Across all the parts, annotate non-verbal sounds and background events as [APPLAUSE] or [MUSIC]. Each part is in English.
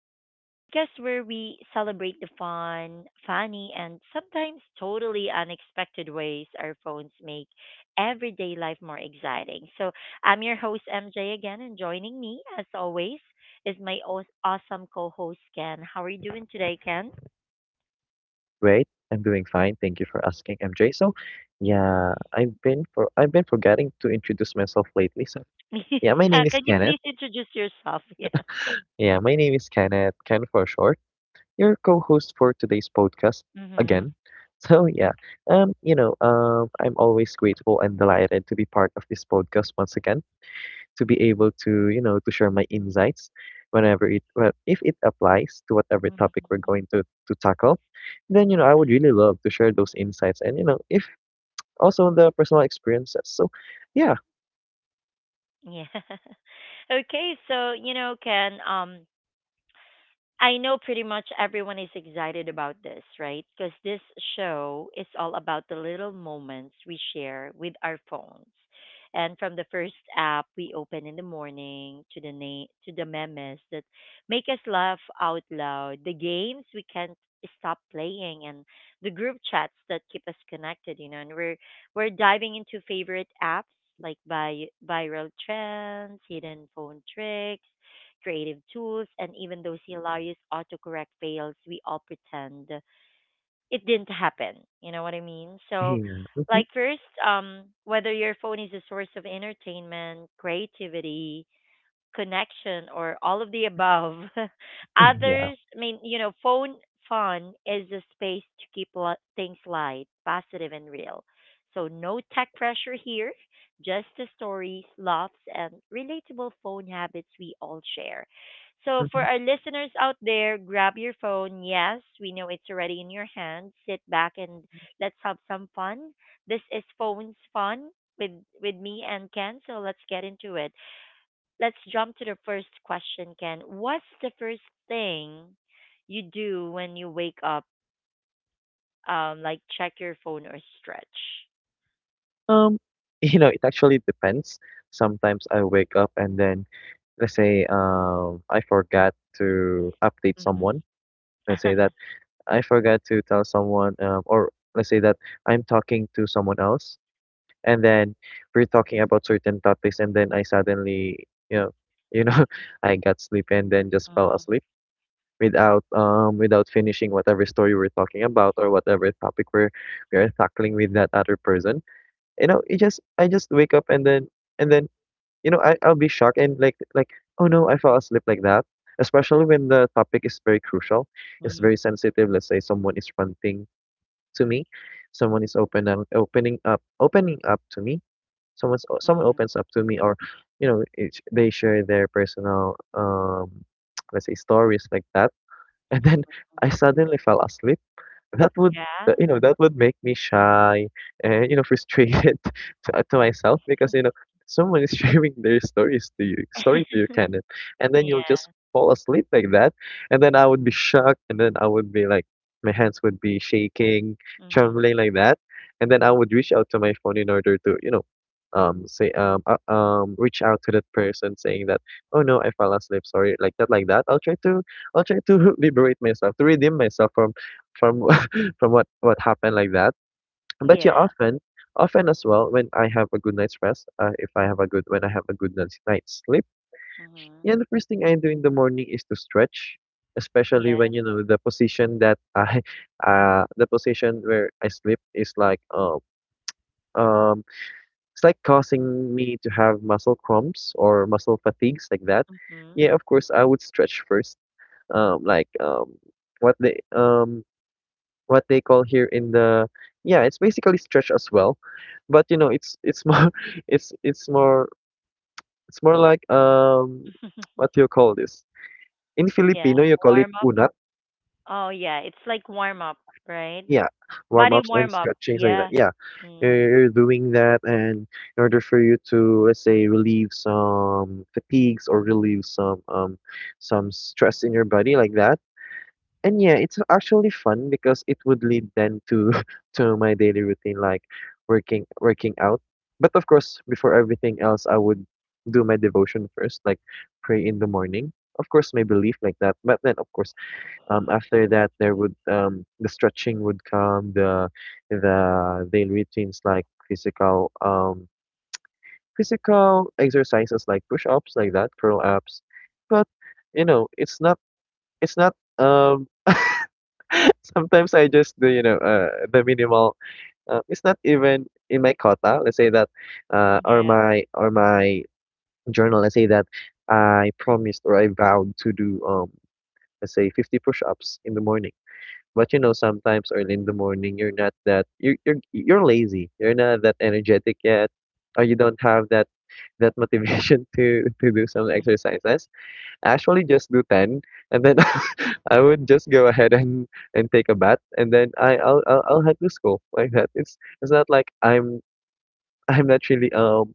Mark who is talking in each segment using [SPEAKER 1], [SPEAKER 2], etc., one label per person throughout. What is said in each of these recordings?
[SPEAKER 1] The podcast where we celebrate the fun, funny, and sometimes totally unexpected ways our phones make everyday life more exciting. I'm your host MJ again, and joining me, as always, is my awesome co host Ken. How are you doing today, Ken?
[SPEAKER 2] Great. I'm doing fine. Thank you for asking, MJ.
[SPEAKER 1] [LAUGHS]
[SPEAKER 2] I've been forgetting to introduce myself lately. My
[SPEAKER 1] Yeah,
[SPEAKER 2] name is
[SPEAKER 1] can you
[SPEAKER 2] Kenneth.
[SPEAKER 1] please introduce yourself? [LAUGHS] Yeah.
[SPEAKER 2] Yeah, my name is Kenneth, Ken for short. Your co-host for today's podcast
[SPEAKER 1] Mm-hmm.
[SPEAKER 2] again. [LAUGHS] So, yeah. I'm always grateful and delighted to be part of this podcast once again, to be able to, you know, to share my insights whenever if it applies to whatever topic we're going to tackle, then you know I would really love to share those insights. And you know, if also the personal experiences. So yeah.
[SPEAKER 1] Yeah. [LAUGHS] Okay, so Ken, I know pretty much everyone is excited about this, right? Because this show is all about the little moments we share with our phones. And from the first app we open in the morning to the to the memes that make us laugh out loud, the games we can't stop playing and the group chats that keep us connected. And we're diving into favorite apps like by viral trends, hidden phone tricks, creative tools, and even those hilarious autocorrect fails, we all pretend it didn't happen. You know what I mean? So,
[SPEAKER 2] Yeah. Mhm.
[SPEAKER 1] like, first, whether your phone is a source of entertainment, creativity, connection, or all of the above. [LAUGHS]
[SPEAKER 2] Yeah.
[SPEAKER 1] Others, I mean, phone fun is a space to keep things light, positive, and real. So, no tech pressure here, just the stories, laughs, and relatable phone habits we all share. So, for
[SPEAKER 2] Mhm.
[SPEAKER 1] our listeners out there, grab your phone. Yes, we know it's already in your hand. Sit back and let's have some fun. This is Phones Fun with, with me and Ken. So, let's get into it, let's jump to the first question, Ken. What's the first thing you do when you wake up? Like check your phone or stretch.
[SPEAKER 2] Um, [LAUGHS] you know, it actually depends. Sometimes I wake up and then let's say I forgot to update
[SPEAKER 1] Mm-hmm.
[SPEAKER 2] someone. Let's say
[SPEAKER 1] [LAUGHS]
[SPEAKER 2] that I forgot to tell someone or let's say that I'm talking to someone else, and then we're talking about certain topics, and then I suddenly, you know, [LAUGHS] you know, I got sleepy and then just fell
[SPEAKER 1] Mm-hmm.
[SPEAKER 2] asleep without without finishing whatever story we're talking about or whatever topic we are tackling with that other person. You know, it just I just wake up and then and then you know, I'll be shocked and like oh no, I fell asleep, like that. Especially when the topic is very crucial, it's
[SPEAKER 1] Mm-hmm.
[SPEAKER 2] very sensitive. Let's say someone is ranting to me, someone is opening up to me, someone
[SPEAKER 1] Mm-hmm.
[SPEAKER 2] opens up to me, or you know it's, they share their personal [TSK] let's say stories like that, and then
[SPEAKER 1] Hmm.
[SPEAKER 2] I suddenly fell asleep. That would
[SPEAKER 1] Yeah.
[SPEAKER 2] you know, that would make me shy and you know frustrated [LAUGHS] to myself, because you know someone is [LAUGHS] sharing their stories to you story
[SPEAKER 1] [LAUGHS]
[SPEAKER 2] to you, Kenneth, and then you'll just
[SPEAKER 1] Yeah.
[SPEAKER 2] fall asleep like that. And then I would be shocked, and then I would be like, my hands would be shaking,
[SPEAKER 1] Mm-hmm.
[SPEAKER 2] trembling like that. And then I would reach out to my phone in order to you know say reach out to that person saying that, oh no, I fell asleep, sorry, like that, like that. I'll try to [LAUGHS] liberate myself, to redeem myself from [LAUGHS] from what happened like that. But yeah,
[SPEAKER 1] Yeah.
[SPEAKER 2] often, often as well, when I have a good night's rest, if I have a good when I have a good night's sleep,
[SPEAKER 1] Mm-hmm.
[SPEAKER 2] yeah, the first thing I do in the morning is to stretch, especially
[SPEAKER 1] Yeah.
[SPEAKER 2] when you know the position that I, [LAUGHS] the position where I sleep is like um it's like causing me to have muscle cramps or muscle fatigues like that.
[SPEAKER 1] Mm-hmm.
[SPEAKER 2] Yeah, of course, I would stretch first. Like what the what they call here in the Yeah, it's basically stretch as well, but you know it's more [LAUGHS] it's it's more it's more like [TSK] what do
[SPEAKER 1] [LAUGHS]
[SPEAKER 2] you call this, in
[SPEAKER 1] Yeah.
[SPEAKER 2] Filipino you call it
[SPEAKER 1] Warm up.
[SPEAKER 2] unat,
[SPEAKER 1] Oh yeah, it's like warm up, right?
[SPEAKER 2] yeah.
[SPEAKER 1] Body
[SPEAKER 2] Warm-ups and
[SPEAKER 1] warm up.
[SPEAKER 2] stretchings like that,
[SPEAKER 1] Yeah.
[SPEAKER 2] yeah.
[SPEAKER 1] Mm.
[SPEAKER 2] You're doing that and in order for you to let's say relieve some fatigues or relieve some stress in your body like that. And yeah, it's actually fun because it would lead then to [LAUGHS] to my daily routine, like working out. But of course, before everything else, I would do my devotion first, like pray in the morning. Of course, my belief like that. But then, of course, after that, there would the stretching would come, the daily routines like physical exercises like push ups like that, curl ups. But you know, it's not it's not um. [LAUGHS] [LAUGHS] Sometimes I just do, you know, the minimal. It's not even in my quota. Let's say that, uh, or
[SPEAKER 1] Yeah.
[SPEAKER 2] my or my journal. Let's say that I promised or I vowed to do, let's say 50 push-ups in the morning. But you know, sometimes early in the morning, you're lazy. You're not that energetic yet, or you don't have that motivation [LAUGHS] to do some
[SPEAKER 1] Mm-hmm.
[SPEAKER 2] exercises. Actually just do 10, and then [LAUGHS] I would just go ahead and take a bath, and then I I'll head to school like that. It's not like I'm not really um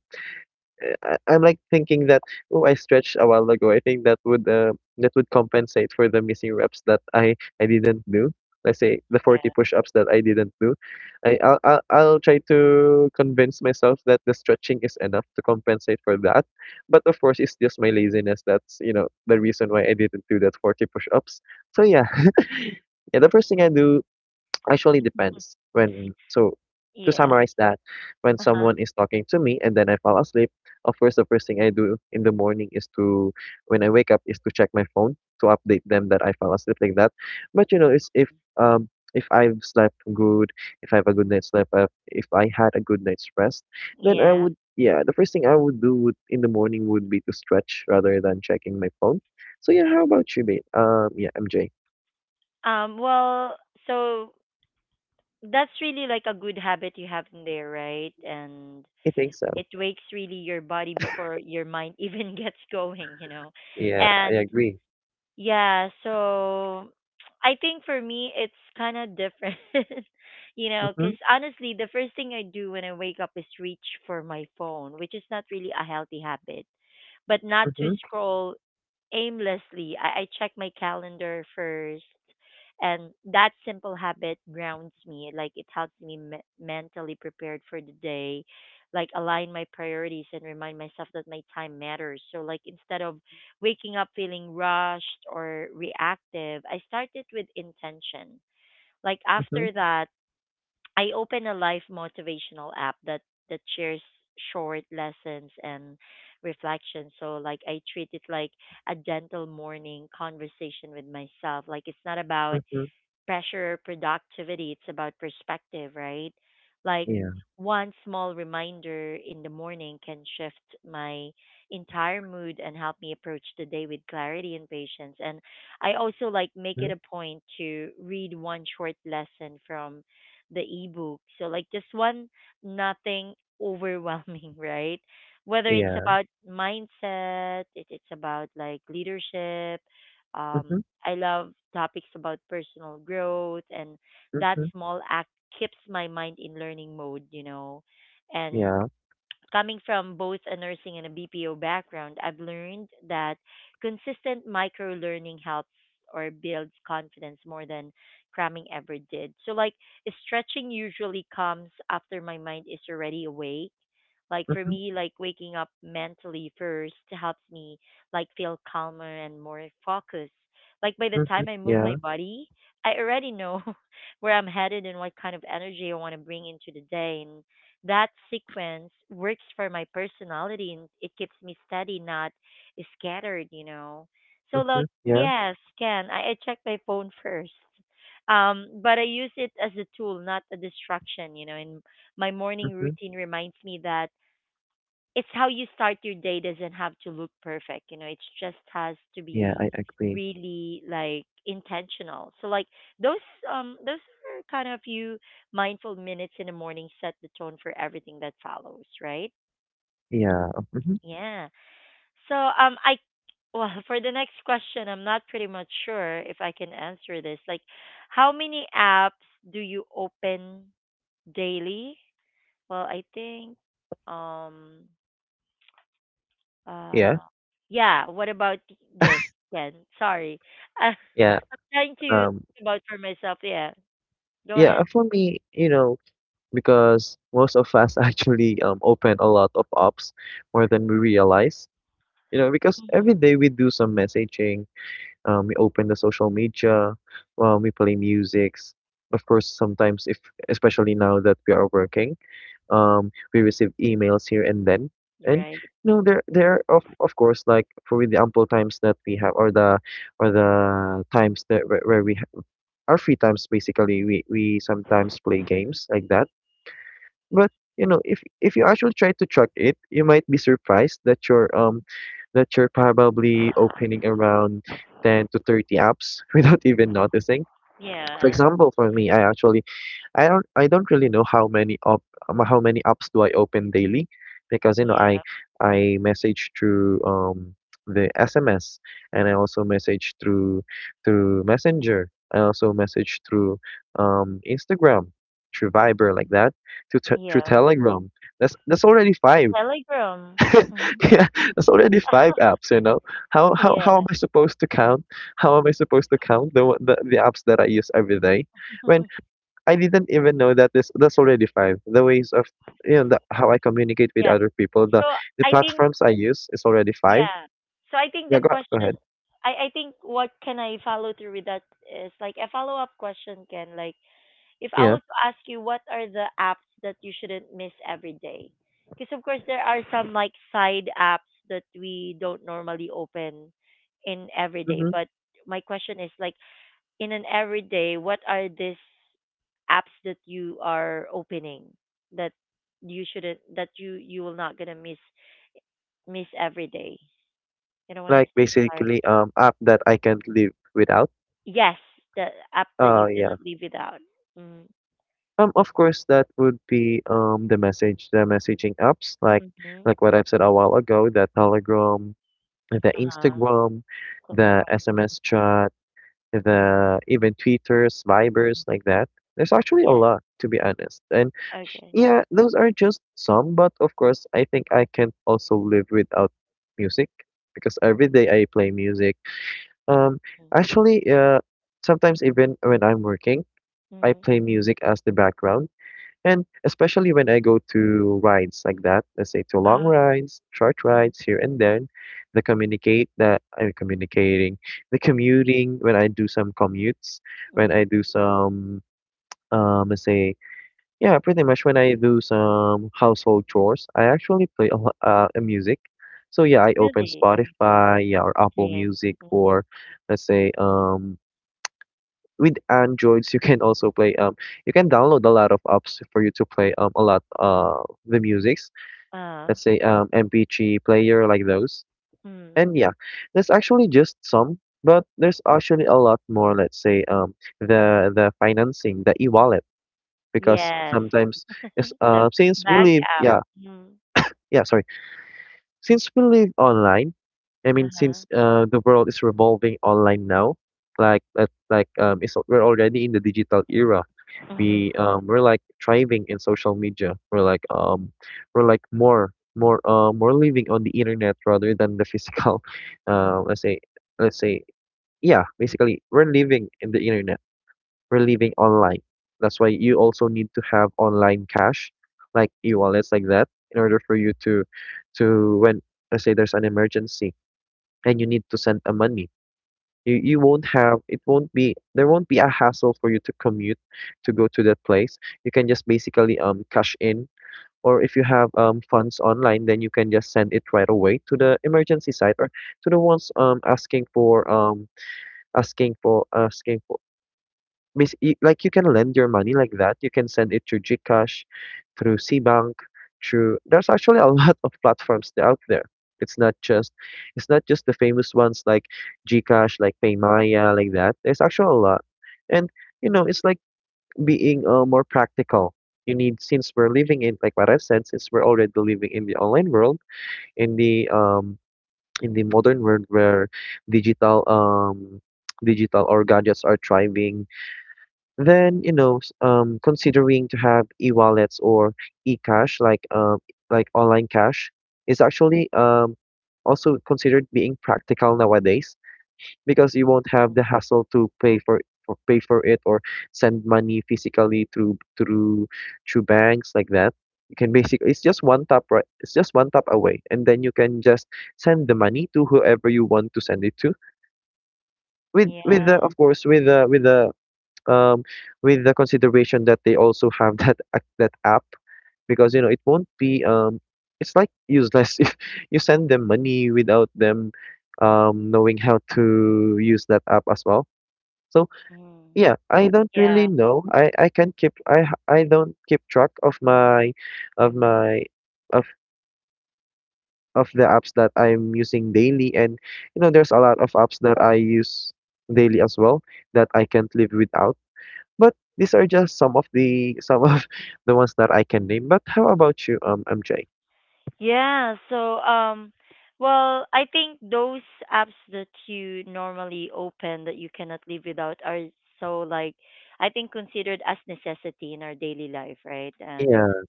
[SPEAKER 2] uh, I- I'm like thinking that, oh, I stretched a while ago. I think that would compensate for the missing reps that I didn't do. Let's say the 40
[SPEAKER 1] Yeah.
[SPEAKER 2] push-ups that I didn't do. I I'll try to convince myself that the stretching is enough to compensate for that. But of course, it's just my laziness that's, you know, the reason why I didn't do that 40 push-ups. So yeah. [LAUGHS] Yeah, the first thing I do Actually depends when so To
[SPEAKER 1] Yes.
[SPEAKER 2] summarize that, when
[SPEAKER 1] Uh huh.
[SPEAKER 2] someone is talking to me and then I fall asleep, of course the first thing I do in the morning is to when I wake up is to check my phone, to update them that I fell asleep like that. But you know, it's um if I've slept good, if I have a good night's sleep, if I had a good night's rest, then
[SPEAKER 1] Yeah.
[SPEAKER 2] I would, yeah, the first thing I would do, in the morning, would be to stretch rather than checking my phone. So yeah, how about you, babe? Yeah, MJ.
[SPEAKER 1] Well, so that's really like a good habit you have in there, right? And
[SPEAKER 2] I think so.
[SPEAKER 1] it wakes really your body before your mind [LAUGHS] even gets going, you know.
[SPEAKER 2] Yeah, I
[SPEAKER 1] And
[SPEAKER 2] agree.
[SPEAKER 1] yeah, so I think for me it's kind of different, [LAUGHS] you know, because honestly, the first thing I do when I wake up is reach for my phone, which is not really a healthy habit, but not to
[SPEAKER 2] Mhm,
[SPEAKER 1] scroll aimlessly. I check my calendar first, and that simple habit grounds me, like it helps me mentally prepared for the day, like align my priorities and remind myself that my time matters. So like instead of waking up feeling rushed or reactive, I start it with intention. Like
[SPEAKER 2] mhm,
[SPEAKER 1] after that I open a life motivational app that shares short lessons and reflections. So like I treat it like a gentle morning conversation with myself. Like it's not about
[SPEAKER 2] mhm.
[SPEAKER 1] pressure or productivity. It's about perspective, right? Like
[SPEAKER 2] Yeah.
[SPEAKER 1] one small reminder in the morning can shift my entire mood and help me approach the day with clarity and patience. And I also like make
[SPEAKER 2] Mhm.
[SPEAKER 1] it a point to read one short lesson from the ebook. So like just one, nothing overwhelming, [LAUGHS] right? Whether it's
[SPEAKER 2] Yeah.
[SPEAKER 1] about mindset, it, it's about like leadership, um,
[SPEAKER 2] Mhm,
[SPEAKER 1] I love topics about personal growth, and that
[SPEAKER 2] mhm.
[SPEAKER 1] small act keeps my mind in learning mode, you know. And
[SPEAKER 2] Yeah.
[SPEAKER 1] coming from both a nursing and a BPO background, I've learned that consistent micro learning helps or builds confidence more than cramming ever did. So, like, stretching usually comes after my mind is already awake. Like, for
[SPEAKER 2] Mhm,
[SPEAKER 1] me, like, waking up mentally first helps me, like, feel calmer and more focused. Like, by the
[SPEAKER 2] mhm.
[SPEAKER 1] time I move my
[SPEAKER 2] Yeah.
[SPEAKER 1] body, I already know [LAUGHS] where I'm headed and what kind of energy I want to bring into the day. That sequence works for my personality and it keeps me steady, not scattered, you know. So
[SPEAKER 2] Mhm.
[SPEAKER 1] like
[SPEAKER 2] Yeah.
[SPEAKER 1] yes, can I check my phone [LAUGHS] first. But I use it as a tool, not a distraction, you know, and my morning
[SPEAKER 2] Mhm.
[SPEAKER 1] routine reminds me that it's how you start your day doesn't have to look perfect, you know, it just has to
[SPEAKER 2] Yeah,
[SPEAKER 1] be
[SPEAKER 2] I agree.
[SPEAKER 1] really like intentional. So like those um those are kind of few mindful minutes in the morning, set the tone for everything that follows, right?
[SPEAKER 2] Yeah. Mhm.
[SPEAKER 1] Yeah. So I, well, [LAUGHS] for the next question I'm not pretty much sure if I can answer this, like how many apps do you open daily? Well I think, um
[SPEAKER 2] Yeah.
[SPEAKER 1] Uh, yeah. What about this, Ken? Sorry. Uh,
[SPEAKER 2] Yeah.
[SPEAKER 1] [LAUGHS] trying to think
[SPEAKER 2] Um,
[SPEAKER 1] about for myself. Yeah. Go
[SPEAKER 2] yeah,
[SPEAKER 1] ahead.
[SPEAKER 2] for me, you know, because most of us [LAUGHS] actually open a lot of apps more than we realize. You know, because every
[SPEAKER 1] Mhm.
[SPEAKER 2] day we do some messaging, we open the social media, we play musics. Of course, sometimes if, especially now that we are working, we receive emails here and then, and
[SPEAKER 1] Right.
[SPEAKER 2] you know there are, of course, like for the ample times that we have, or the where we our free times, basically we, sometimes play games like that. But you know, if you actually try to track it, you might be surprised that you're probably opening around 10 to 30 apps [LAUGHS] without even noticing. For
[SPEAKER 1] Yeah.
[SPEAKER 2] example, for me, I don't really know how many op how many apps do I open daily, because you know
[SPEAKER 1] Yeah.
[SPEAKER 2] I message through the SMS, and I also message through through Messenger. I also message through Instagram, through Viber like that, to t through
[SPEAKER 1] Yeah.
[SPEAKER 2] Telegram. That's already five.
[SPEAKER 1] Telegram.
[SPEAKER 2] [LAUGHS]
[SPEAKER 1] Mhm.
[SPEAKER 2] Yeah, that's already five apps, you know.
[SPEAKER 1] Yeah.
[SPEAKER 2] How am I supposed to count? How am I supposed to count the the apps that I use every day? When I didn't even know that this that's already five. The ways of, you know, how I communicate
[SPEAKER 1] Yeah.
[SPEAKER 2] with other people,
[SPEAKER 1] So
[SPEAKER 2] the
[SPEAKER 1] I think
[SPEAKER 2] platforms I use is already five.
[SPEAKER 1] yeah. So I think the
[SPEAKER 2] Yeah, go
[SPEAKER 1] question,
[SPEAKER 2] ahead.
[SPEAKER 1] I think what can I follow through with that is like a follow up question, Ken. Like if I were
[SPEAKER 2] Yeah,
[SPEAKER 1] to ask you what are the apps that you shouldn't miss every day, because of course there are some like side apps that we don't normally open in every day.
[SPEAKER 2] hmm,
[SPEAKER 1] But my question is like in an everyday, what are these apps that you are opening that you shouldn't, that you will not gonna miss miss every day? You know what I'm
[SPEAKER 2] like
[SPEAKER 1] saying? Sorry.
[SPEAKER 2] basically app that I can't live without.
[SPEAKER 1] Yes, the app that you
[SPEAKER 2] Yeah.
[SPEAKER 1] cannot live without.
[SPEAKER 2] Of course that would be the messaging apps,
[SPEAKER 1] Mm-hmm.
[SPEAKER 2] like what I've said a while ago, the Telegram, the
[SPEAKER 1] Uh huh.
[SPEAKER 2] Instagram, the
[SPEAKER 1] Tomorrow.
[SPEAKER 2] SMS chat, the even Twitters, Vibers like that. There's actually a lot, to be honest.
[SPEAKER 1] Okay.
[SPEAKER 2] Yeah, those are just some, but of course, I think I can also live without music, because every day I play music. Um,
[SPEAKER 1] Mm.
[SPEAKER 2] Actually, sometimes even when I'm working, I
[SPEAKER 1] Mhm.
[SPEAKER 2] play music as the background, and especially when I go to rides like that, let's say to long
[SPEAKER 1] Uh,
[SPEAKER 2] rides, short
[SPEAKER 1] mm,
[SPEAKER 2] rides here and
[SPEAKER 1] hmm.
[SPEAKER 2] there, the communicate that I'm communicating, the commuting when I do some commutes, when I do some let's say, yeah, pretty much when I do some household chores, I actually play a, a music. So yeah, I open
[SPEAKER 1] Really?
[SPEAKER 2] Spotify, yeah, or Apple
[SPEAKER 1] Same.
[SPEAKER 2] Music,
[SPEAKER 1] Mhm.
[SPEAKER 2] or let's say with Androids you can also play you can download a lot of apps for you to play a lot the musics.
[SPEAKER 1] Uh,
[SPEAKER 2] Let's say MP3 player like those.
[SPEAKER 1] mm.
[SPEAKER 2] And yeah, there's actually just some, but there's actually a lot more. Let's say the financing, the e-wallet, because
[SPEAKER 1] Yes.
[SPEAKER 2] sometimes yes,
[SPEAKER 1] [LAUGHS] The
[SPEAKER 2] since we
[SPEAKER 1] bank
[SPEAKER 2] live,
[SPEAKER 1] app.
[SPEAKER 2] yeah,
[SPEAKER 1] Mm.
[SPEAKER 2] yeah, sorry, since we live online. I mean, since
[SPEAKER 1] Uh-huh.
[SPEAKER 2] the world is revolving online now, like it's, we're already in the digital era.
[SPEAKER 1] Mhm.
[SPEAKER 2] We're like thriving in social media, we're like more more living on the internet rather than the physical [LAUGHS] let's say let's say yeah, basically we're living in the internet, we're living online. That's why you also need to have online cash, like e-wallets like that, in order for you to when let's say there's an emergency and you need to send a money. You won't have, it won't be there, won't be a hassle for you to commute to go to that place. You can just basically cash in, or if you have funds online, then you can just send it right away to the emergency site, or to the ones asking for Miss, you, like, you can lend your money like that. You can send it through GCash, through SeaBank, through there's actually a [LAUGHS] lot of platforms out there. It's not just it's not just the famous ones like GCash, like Paymaya, like that. There's actually a lot. And, it's like being more practical. You need Since we're living in, like what I've said, since we're already living in the online world, in the um in the modern world where digital um digital or gadgets are thriving, then, considering to have e-wallets or e-cash, like online cash, is actually also considered being practical nowadays, because you won't have the hassle to pay for pay for it, or send money physically through banks like that. You can basically It's just one tap, away, and then you can just send the money to whoever you want to send it to, with
[SPEAKER 1] Yeah.
[SPEAKER 2] the of course, um, with the consideration that they also have [LAUGHS] that that app, because it won't be it's like useless [LAUGHS] if you send them money without them knowing how to use that app as well. So
[SPEAKER 1] Mm.
[SPEAKER 2] yeah, I don't
[SPEAKER 1] Yeah.
[SPEAKER 2] really know. I can keep I h- I don't keep track of my of my of of the apps that I'm using daily, and there's a lot of apps that I use daily as well that I can't live without. But these are just some of [LAUGHS] the ones that I can name. But how about you, MJ?
[SPEAKER 1] Yeah. So, well, I think those apps that you normally open that you cannot live without are so like I think considered as necessity in our daily life, right? And
[SPEAKER 2] Yeah.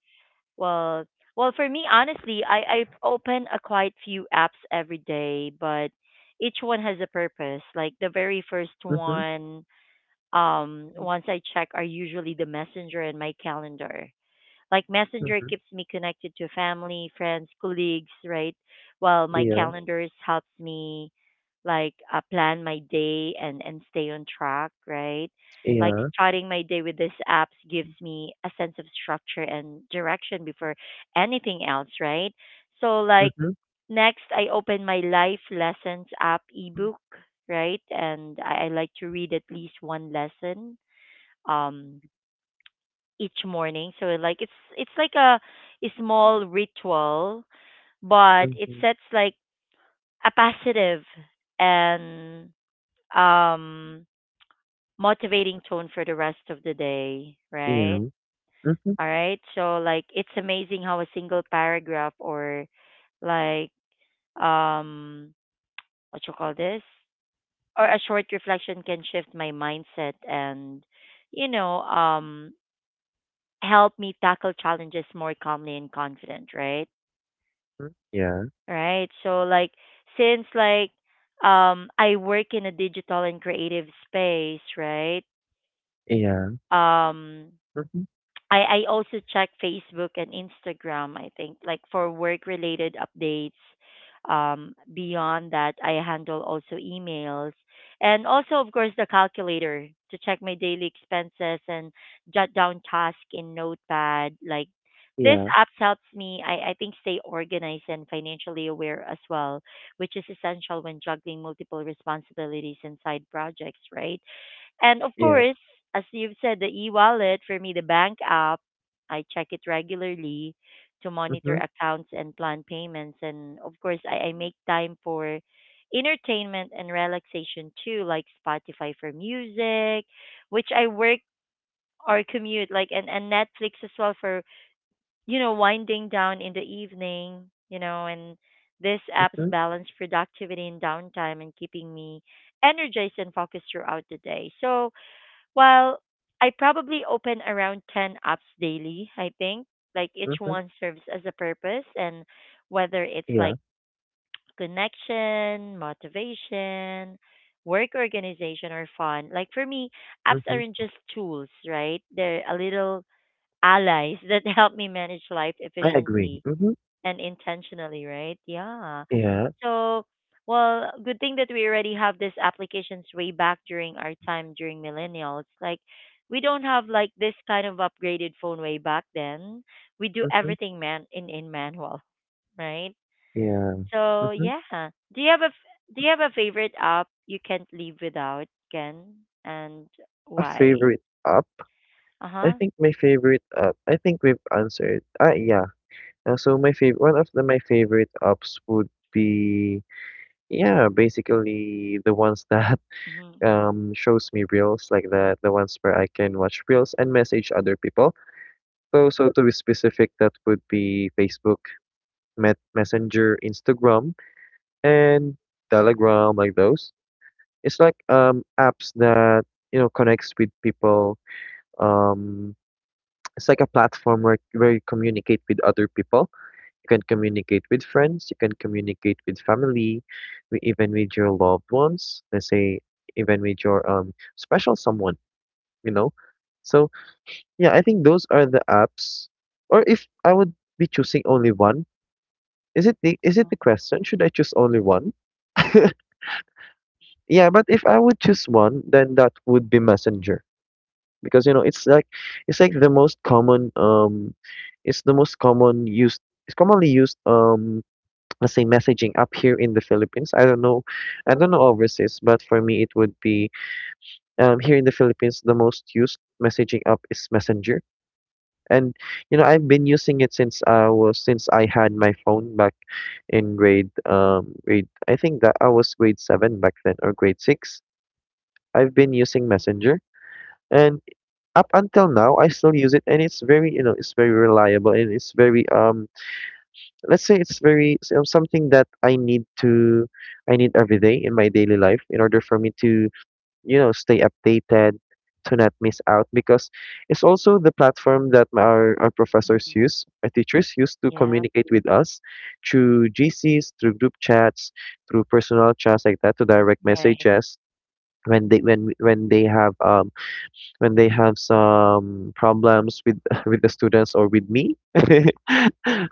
[SPEAKER 1] well, well, for me, honestly, I open a quite few apps every day, but each one has a purpose. Like the very first
[SPEAKER 2] Mm-hmm.
[SPEAKER 1] one, once I check, are usually the messenger and my calendar. Like Messenger
[SPEAKER 2] Mm-hmm.
[SPEAKER 1] keeps me connected to family, friends, colleagues, right? While my
[SPEAKER 2] Yeah.
[SPEAKER 1] calendars helps me like plan my day and stay on track, right? Like
[SPEAKER 2] Yeah.
[SPEAKER 1] starting my day with these apps gives me a sense of structure and direction before anything else, right? So like
[SPEAKER 2] Mm-hmm.
[SPEAKER 1] next I open my life lessons app ebook, right? And I like to read at least one lesson. Um, each morning. So like it's like a small ritual, but it
[SPEAKER 2] Mm-hmm.
[SPEAKER 1] sets like a positive and um motivating tone for the rest of the day, right?
[SPEAKER 2] Yeah. Mm-hmm.
[SPEAKER 1] All right. So like it's amazing how a single paragraph or like um what you call this, or a short reflection can shift my mindset and you know help me tackle challenges more calmly and confident, right?
[SPEAKER 2] Mm, yeah.
[SPEAKER 1] Right? So like since like I work in a digital and creative space, right?
[SPEAKER 2] Yeah.
[SPEAKER 1] Um,
[SPEAKER 2] Mm-hmm.
[SPEAKER 1] I also check Facebook and Instagram, I think, like for work related updates. Beyond that, I handle also emails and also, of course, the calculator to check my daily expenses and jot down tasks in Notepad. Like this
[SPEAKER 2] Yeah.
[SPEAKER 1] app helps me, I think, stay organized and financially aware as well, which is essential when juggling multiple responsibilities and side projects, right? And of
[SPEAKER 2] Yeah.
[SPEAKER 1] course, as you've said, the e-wallet for me, the bank app, I check it regularly to monitor
[SPEAKER 2] Mm-hmm.
[SPEAKER 1] accounts and plan payments. And of course, I make time for entertainment and relaxation too, like Spotify for music, which I work or commute, like and Netflix as well for, you know, winding down in the evening, you know, and these apps
[SPEAKER 2] Mm-hmm.
[SPEAKER 1] balance productivity and downtime and keeping me energized and focused throughout the day. So well, I probably open around 10 apps daily, I think. Like each
[SPEAKER 2] Mm-hmm.
[SPEAKER 1] one serves as a purpose, and whether it's like
[SPEAKER 2] Yeah.
[SPEAKER 1] connection, motivation, work organization, or fun. Like for me, apps aren't
[SPEAKER 2] Mm-hmm.
[SPEAKER 1] just tools, right? They're a little allies [LAUGHS] that help me manage life
[SPEAKER 2] I agree.
[SPEAKER 1] efficiently
[SPEAKER 2] Mm-hmm.
[SPEAKER 1] and intentionally, right? Yeah.
[SPEAKER 2] Yeah.
[SPEAKER 1] So, well, good thing that we already have these applications way back during our time during millennials. Like, we don't have like this kind of upgraded phone way back then. We do
[SPEAKER 2] Mm-hmm.
[SPEAKER 1] everything man in manual, [LAUGHS] right?
[SPEAKER 2] Yeah.
[SPEAKER 1] So,
[SPEAKER 2] Mm-hmm.
[SPEAKER 1] yeah. Do you have a do you have a favorite app you can't live without, Ken? And
[SPEAKER 2] A
[SPEAKER 1] why?
[SPEAKER 2] favorite app?
[SPEAKER 1] Uh
[SPEAKER 2] I
[SPEAKER 1] huh.
[SPEAKER 2] think my favorite app. I think we've answered. Ah, yeah. So my favorite one of the my favorite apps would be. Yeah, basically the ones that
[SPEAKER 1] Mm-hmm.
[SPEAKER 2] [LAUGHS] shows me reels, like that, the ones where I can watch reels and message other people. So, to be specific, that would be Facebook, Met Messenger, Instagram, and Telegram, like those. It's like apps that connects with people. Um, it's like a platform where you communicate with other people. You can communicate with friends, you can communicate with family, even with your loved ones, let's say, even with your special someone, you know. So yeah, I think those are the apps. Or if I would be choosing only one, is it the question? Should I choose only one? [LAUGHS] Yeah, but if I would choose one, then that would be Messenger, because it's like the most common, it's the most common used it's commonly used, let's say, messaging up here in the Philippines. I don't know overseas, but for me it would be. Here in the Philippines the most used messaging app is Messenger. And I've been using it since I was since I had my phone back in grade, I think that I was grade seven back then, or grade six. I've been using Messenger, and up until now I still use it, and it's very, it's very reliable, and it's very, let's say, it's very, so something that I need every day in my daily life, in order for me to, stay updated, to not miss out, because it's also the platform that our professors
[SPEAKER 1] Mm-hmm.
[SPEAKER 2] use our teachers use to
[SPEAKER 1] Yeah.
[SPEAKER 2] communicate with us through GCs, through group chats, through personal chats, like that, to direct
[SPEAKER 1] Right.
[SPEAKER 2] messages, when they when when they have um when they have some problems with [LAUGHS] with the students, or with me [LAUGHS]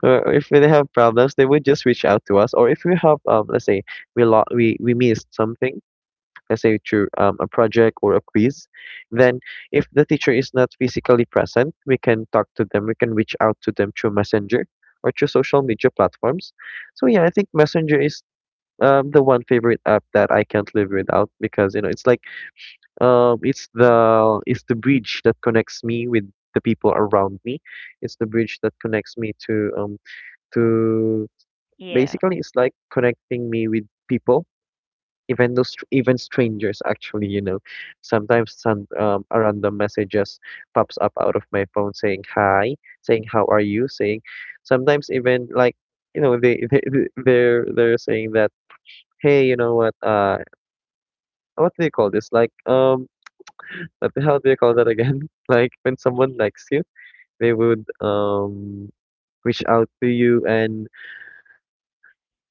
[SPEAKER 2] or if they have problems they would just reach out to us, or if we have, let's say, we lo- we missed something, let's say through, a project or a quiz, then if the teacher is not physically present, we can talk to them, we can reach out to them through Messenger, or through social media platforms. So yeah, I think Messenger is, the one favorite app that I can't live without, because it's like, it's
[SPEAKER 1] Mm,
[SPEAKER 2] the it's the bridge that connects me with the people around me. It's the bridge that connects me to
[SPEAKER 1] yeah.
[SPEAKER 2] basically it's like connecting me with people, even those even strangers, actually, you know. Sometimes some a random message just pops up out of my phone saying hi, saying how are you, saying, sometimes, even like, they're saying that, hey, you know what, what do you call this, like, what the hell do you call that again? [LAUGHS] Like when someone likes you, they would, reach out to you, and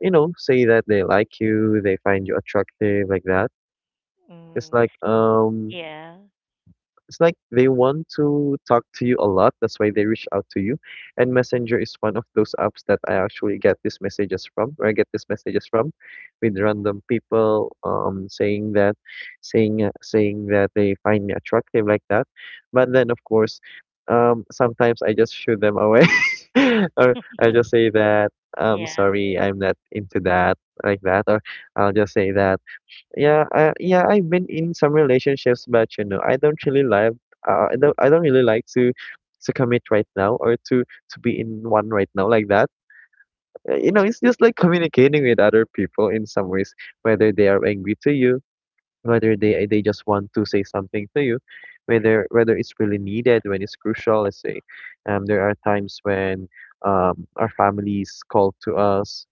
[SPEAKER 2] say that they like you, they find you attractive, like that. It's
[SPEAKER 1] Mm.
[SPEAKER 2] like um
[SPEAKER 1] Yeah.
[SPEAKER 2] It's like they want to talk to you a lot. That's why they reach out to you. And Messenger is one of those apps that I actually get these messages from, where I get these messages from, with random people, saying that, saying that they find me attractive, like that. But then, of course, sometimes I just shoo them away, [LAUGHS] or I just
[SPEAKER 1] [LAUGHS]
[SPEAKER 2] say that I'm
[SPEAKER 1] Yeah.
[SPEAKER 2] sorry, I'm not into that, like that, or I'll just say that. Yeah, I've been in some relationships, but, I don't really like, I don't really like to, commit right now, or to be in one right now, like that.
[SPEAKER 1] Mm.
[SPEAKER 2] It's just like communicating with other people in some ways, whether they are angry to you, whether they just want to say something to you, whether it's really needed, when it's crucial. Let's say, there are times when, our families call to us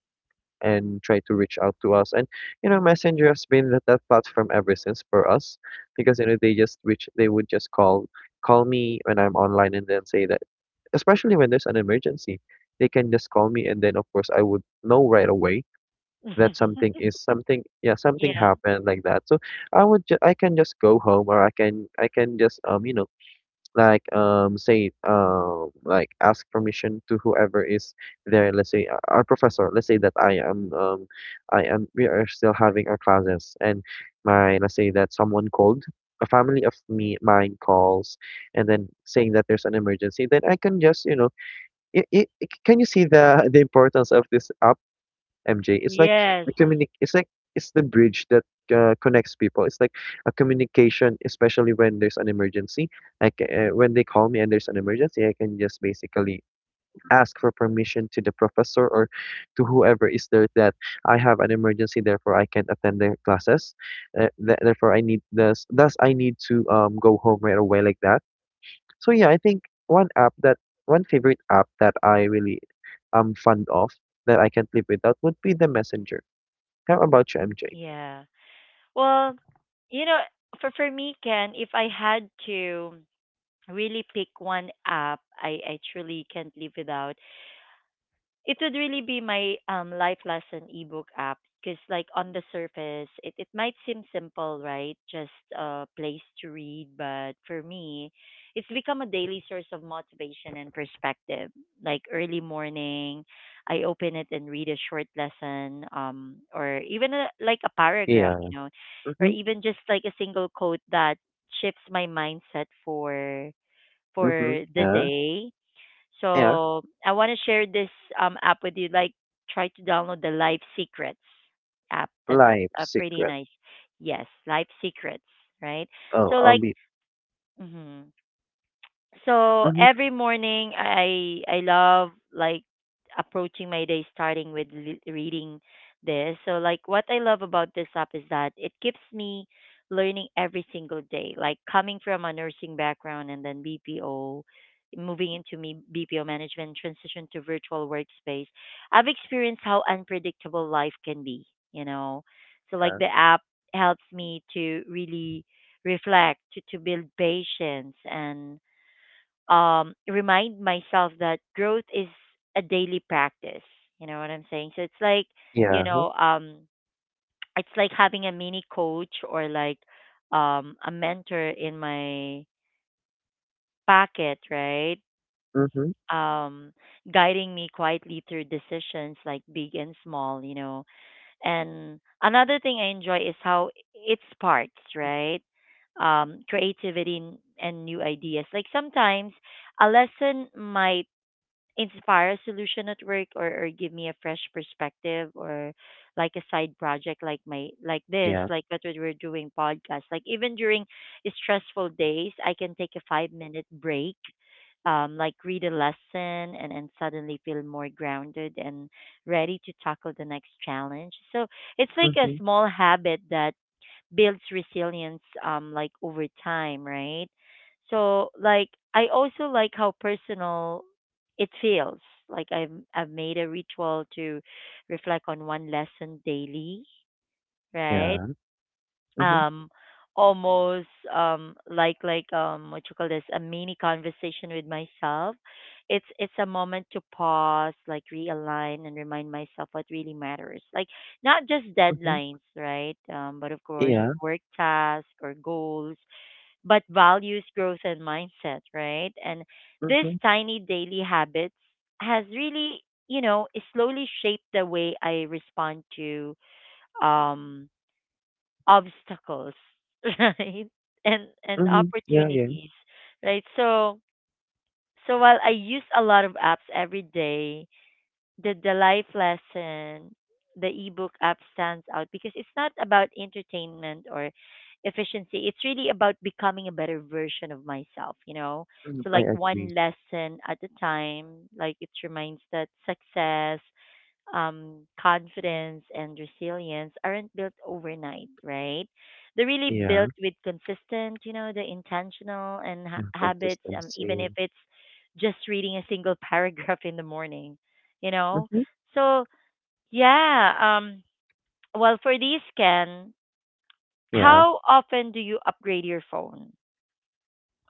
[SPEAKER 2] and try to reach out to us. And, Messenger has been that, platform ever since for us, because they just reach they would just call me when I'm online, and then say that, especially when there's an emergency, they can just call me, and then, of course, I would know right away that something
[SPEAKER 1] [LAUGHS]
[SPEAKER 2] is something yeah something
[SPEAKER 1] Yeah.
[SPEAKER 2] happened, like that. So I can just go home, or I can just say like ask permission to whoever is there. Let's say, our professor, let's say that I am we are still having our classes, and my let's say that someone called, a family of me mine calls, and then saying that there's an emergency, then I can just, you know it it can you see the [LAUGHS] the importance of this app, MJ? It's
[SPEAKER 1] Yes.
[SPEAKER 2] the communi- it's like the bridge that, connects people. It's like a communication, especially when there's an emergency. Like, when they call me and there's an emergency, I can just basically ask for permission to the professor, or to whoever is there, that I have an emergency, therefore I can't attend their classes. Therefore, I need this. Thus, I need to, go home right away, like that. So yeah, I think one favorite app that I really am fond of, that I can't live without, would be the Messenger. How about you, MJ?
[SPEAKER 1] Yeah. Well, you know, for me, Ken, if I had to really pick one app, I truly can't live without, it would really be my life lesson ebook app, because like on the surface it, it might seem simple, right, just a place to read, but for me it's become a daily source of motivation and perspective, like early morning I open it and read a short lesson, um, or even a, like a paragraph,
[SPEAKER 2] Yeah.
[SPEAKER 1] you know, or
[SPEAKER 2] Mhm.
[SPEAKER 1] even just like a single quote that shifts my mindset
[SPEAKER 2] Mhm.
[SPEAKER 1] for the
[SPEAKER 2] Yeah.
[SPEAKER 1] day,
[SPEAKER 2] Yeah.
[SPEAKER 1] so I want to share this app with you. Like try to download the Life Secrets app. That's
[SPEAKER 2] Life
[SPEAKER 1] pretty
[SPEAKER 2] secret.
[SPEAKER 1] nice. Yes, Life Secrets, right?
[SPEAKER 2] Oh,
[SPEAKER 1] So
[SPEAKER 2] I'll
[SPEAKER 1] like,
[SPEAKER 2] be.
[SPEAKER 1] mhm. So
[SPEAKER 2] Mhm.
[SPEAKER 1] every morning I love like approaching my day starting with reading this. So like what I love about this app is that it keeps me learning every single day. Like coming from a nursing background and then BPO moving into me BPO management transition to virtual workspace. I've experienced how unpredictable life can be, you know. So like
[SPEAKER 2] Yeah.
[SPEAKER 1] the app helps me to really reflect to build patience and remind myself that growth is a daily practice. You know what I'm saying? So it's like, you
[SPEAKER 2] Yeah. Huh,
[SPEAKER 1] know, um, it's like having a mini coach or like a mentor in my pocket, right?
[SPEAKER 2] mhm.
[SPEAKER 1] Um, Guiding me quietly through decisions like big and small, you know. And another thing I enjoy is how it sparks, right? Creativity and new ideas. Like sometimes a lesson might inspire a solution at work or give me a fresh perspective or like a side project like my like this,
[SPEAKER 2] Yeah.
[SPEAKER 1] like what we're doing, podcast. Like even during stressful days, I can take a 5 minute break, like read a lesson, and suddenly feel more grounded and ready to tackle the next challenge. So it's like a
[SPEAKER 2] Mhm.
[SPEAKER 1] small habit that builds resilience, like over time, right? So like I also like how personal it feels. Like I've made a ritual to reflect on one lesson daily, right?
[SPEAKER 2] Yeah. Mhm.
[SPEAKER 1] um Almost, um, what you call this, a mini conversation with myself. It's a moment to pause, like realign and remind myself what really matters, like not just
[SPEAKER 2] Mhm.
[SPEAKER 1] deadlines, right? But of course
[SPEAKER 2] Yeah.
[SPEAKER 1] work tasks or goals, but values, growth and mindset, right? And this
[SPEAKER 2] Mhm.
[SPEAKER 1] tiny daily habits has really, you know, slowly shaped the way I respond to, um obstacles, [LAUGHS] right? And
[SPEAKER 2] Mhm. Yeah. Yeah.
[SPEAKER 1] opportunities, right? So while I use a lot of apps every day, the life lesson, the ebook app stands out because it's not about entertainment or efficiency. It's really about becoming a better version of myself, you know.
[SPEAKER 2] Mhm.
[SPEAKER 1] So
[SPEAKER 2] I
[SPEAKER 1] like
[SPEAKER 2] agree.
[SPEAKER 1] one lesson at a time. Like it reminds that success, confidence and resilience aren't built overnight, right? They're really
[SPEAKER 2] Yeah.
[SPEAKER 1] built with consistent, you know, the intentional and
[SPEAKER 2] Yeah.
[SPEAKER 1] habits, even if
[SPEAKER 2] Consistency.
[SPEAKER 1] it's just reading a single [LAUGHS] paragraph in the morning, you know?
[SPEAKER 2] Mhm.
[SPEAKER 1] So, yeah, um, well, for these, Ken,
[SPEAKER 2] Yeah.
[SPEAKER 1] how often do you upgrade your phone?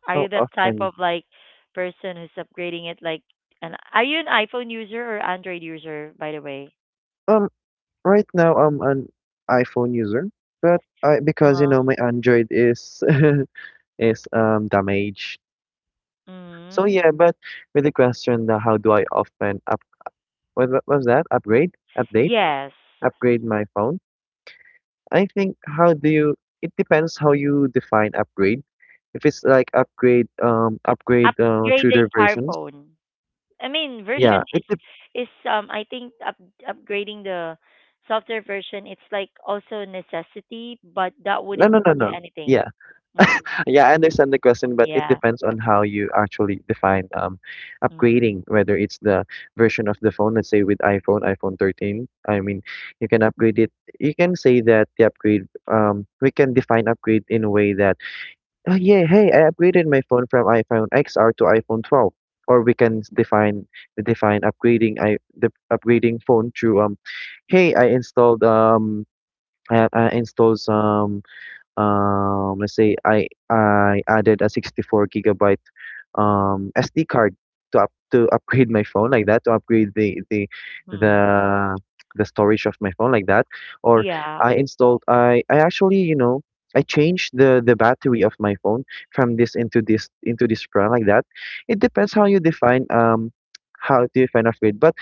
[SPEAKER 1] Are
[SPEAKER 2] How
[SPEAKER 1] you that type
[SPEAKER 2] often?
[SPEAKER 1] of like person who's upgrading it like, and are you an iPhone user or Android user, by the way?
[SPEAKER 2] Um. Right now, I'm an iPhone user, but I because my Android is [LAUGHS] is damaged. So
[SPEAKER 1] Uh-huh.
[SPEAKER 2] yeah, but with the question that, how do I often. What was that? Upgrade? Update?
[SPEAKER 1] Yes.
[SPEAKER 2] Upgrade my phone? I think, how do you it depends how you define upgrade. If it's like upgrade,
[SPEAKER 1] Upgrade
[SPEAKER 2] through
[SPEAKER 1] the
[SPEAKER 2] their
[SPEAKER 1] entire
[SPEAKER 2] versions.
[SPEAKER 1] phone. I mean,
[SPEAKER 2] Yeah.
[SPEAKER 1] version is
[SPEAKER 2] It dep
[SPEAKER 1] is I think upgrading the software version, it's like also a necessity, but that
[SPEAKER 2] No,
[SPEAKER 1] wouldn't
[SPEAKER 2] no, no,
[SPEAKER 1] cost you
[SPEAKER 2] no.
[SPEAKER 1] anything.
[SPEAKER 2] Yeah.
[SPEAKER 1] Mm,
[SPEAKER 2] [LAUGHS] Yeah, I understand the question, but it
[SPEAKER 1] yeah.
[SPEAKER 2] depends on how you actually define
[SPEAKER 1] Mm-hmm.
[SPEAKER 2] upgrading, whether it's the version of the phone, let's say with iPhone, iPhone 13. I mean, you can upgrade it. You can say that the upgrade we can define upgrade in a way that. Oh yeah, hey, I upgraded my phone from iPhone XR to iPhone 12. Or we can define define upgrading I the upgrading phone through hey, I installed I installed some, let's say I added a 64 gigabyte SD card to up to upgrade my phone like that, to upgrade the the storage of my phone like that. Or
[SPEAKER 1] Yeah.
[SPEAKER 2] I installed I actually, I changed the battery of my phone from this into this into this brand like that. It depends how you define how do you define upgrade. But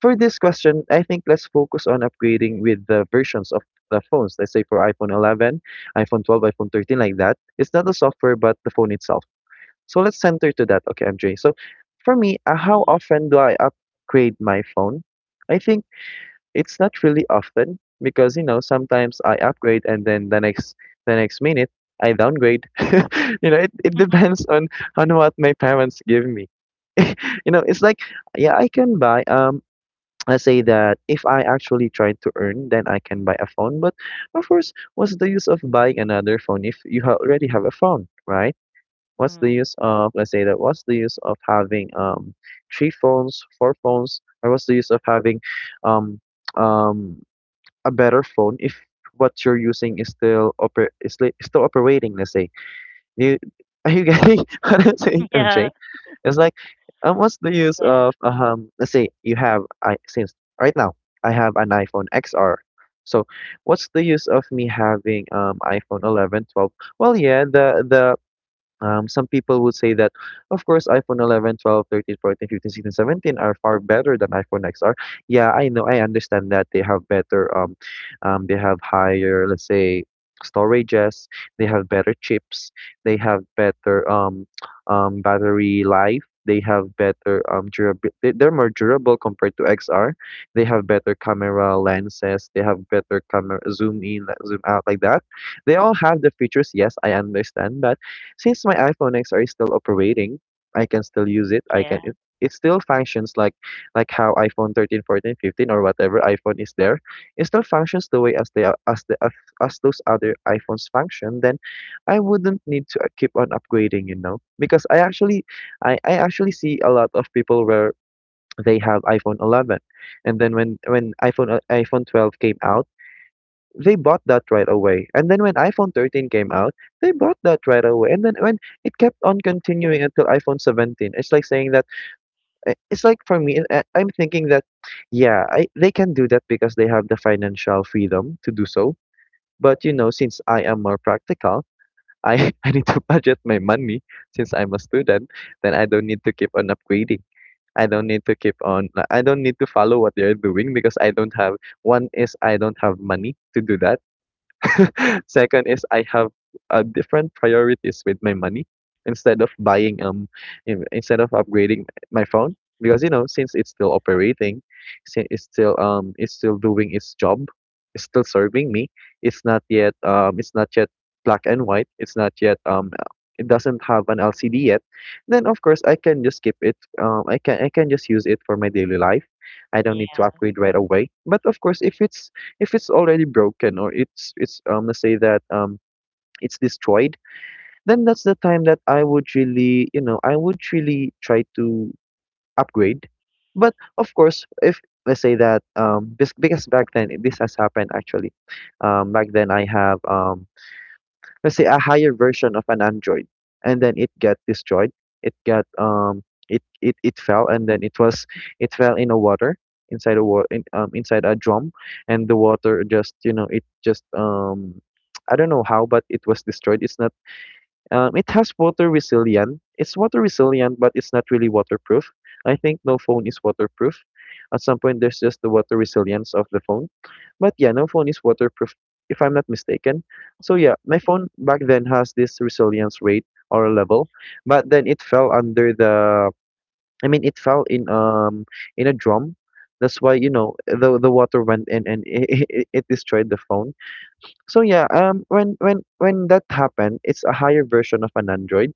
[SPEAKER 2] for this question, I think let's focus on upgrading with the versions of the phones. Let's say for iPhone 11, iPhone 12, iPhone 13 like that. It's not the software but the phone itself. So let's center to that. Okay, MJ. So for me, how
[SPEAKER 1] Mm-hmm.
[SPEAKER 2] often do I upgrade my phone? I think it's not really often because you know sometimes I upgrade and then the next minute I downgrade. [LAUGHS] you know, it depends on what my parents give me. [LAUGHS] you know, it's like yeah, I can buy I say that if I actually try to earn, then I can buy a phone. But of course, what's the use of buying another phone if you already have a phone, right? What's the
[SPEAKER 1] Mm-hmm.
[SPEAKER 2] use of, let's say that, what's the use of having three phones, four phones, or what's the use of having um um a better phone if what you're using is still oper is is still operating, let's say. You [LAUGHS] are you getting [LAUGHS] what I'm
[SPEAKER 1] [LAUGHS]
[SPEAKER 2] saying,
[SPEAKER 1] Yeah.
[SPEAKER 2] MJ? It's like, what's the use
[SPEAKER 1] Yes.
[SPEAKER 2] of let's say you have I since right now I have an iPhone XR. So what's the use of me having iPhone 11, 12? Well, yeah, the some people would say that, of course, iPhone 11, 12, 13, 14, 15, 16, 17 are far better than iPhone XR. Yeah, I know, I understand that they have better, they have higher, let's say, storages, they have better chips, they have better [TSK] battery life, they have better durability, they're more durable compared to XR. They have better camera lenses, they have better camera zoom in, zoom out like that. They all have the features, yes, I understand that since my iPhone X are still operating, I can still use it.
[SPEAKER 1] Yeah.
[SPEAKER 2] It still functions like how iPhone 13, 14, 15, or whatever iPhone is there. It still functions the way as they are as as those other iPhones function. Then I wouldn't need to keep on upgrading, you know, because I actually I actually see a lot of people where they have iPhone 11, and then when iPhone iPhone 12 came out, they bought that right away. And then when iPhone 13 came out, they bought that right away. And then when it kept on continuing until iPhone 17, it's like saying that it's like for me, I'm thinking that yeah, they can do that because they have the financial freedom to do so. But you know, since I am more practical, I [LAUGHS] I need to budget my money since I'm a student. Then I don't need to keep on upgrading. I don't need to keep on. I don't need to follow what they're doing because I don't have. One is I don't have money to do that. [LAUGHS] Second is I have different priorities with my money instead of buying instead of upgrading my phone because you know since it's still operating, it's still doing its job, it's still serving me. It's not yet black and white. It's not yet it doesn't have an LCD yet. Then of course I can just keep it. I can just use it for my daily life. I don't need to
[SPEAKER 1] Yeah.
[SPEAKER 2] upgrade right away. But of course, if it's already broken or it's let's say that it's destroyed, then that's the time that I would really, you know, I would really try to upgrade. But of course, if let's say that because back then this has happened actually. Um, back then I have let's say a higher version of an Android and then it got destroyed. It got it fell and then it was, it fell in a water, inside a water in, inside a drum, and the water just, you know, it just, I don't know how, but it was destroyed. It's not it has water resilient. It's water resilient, but it's not really waterproof. I think no phone is waterproof. At some point, there's just the water resilience of the phone. But yeah, no phone is waterproof, if I'm not mistaken. So yeah, my phone back then has this resilience rate or level, but then it fell under the. I mean, it fell in a drum. That's why you know the water went in and [LAUGHS] it destroyed the phone. So yeah, when that happened, it's a higher version of an Android,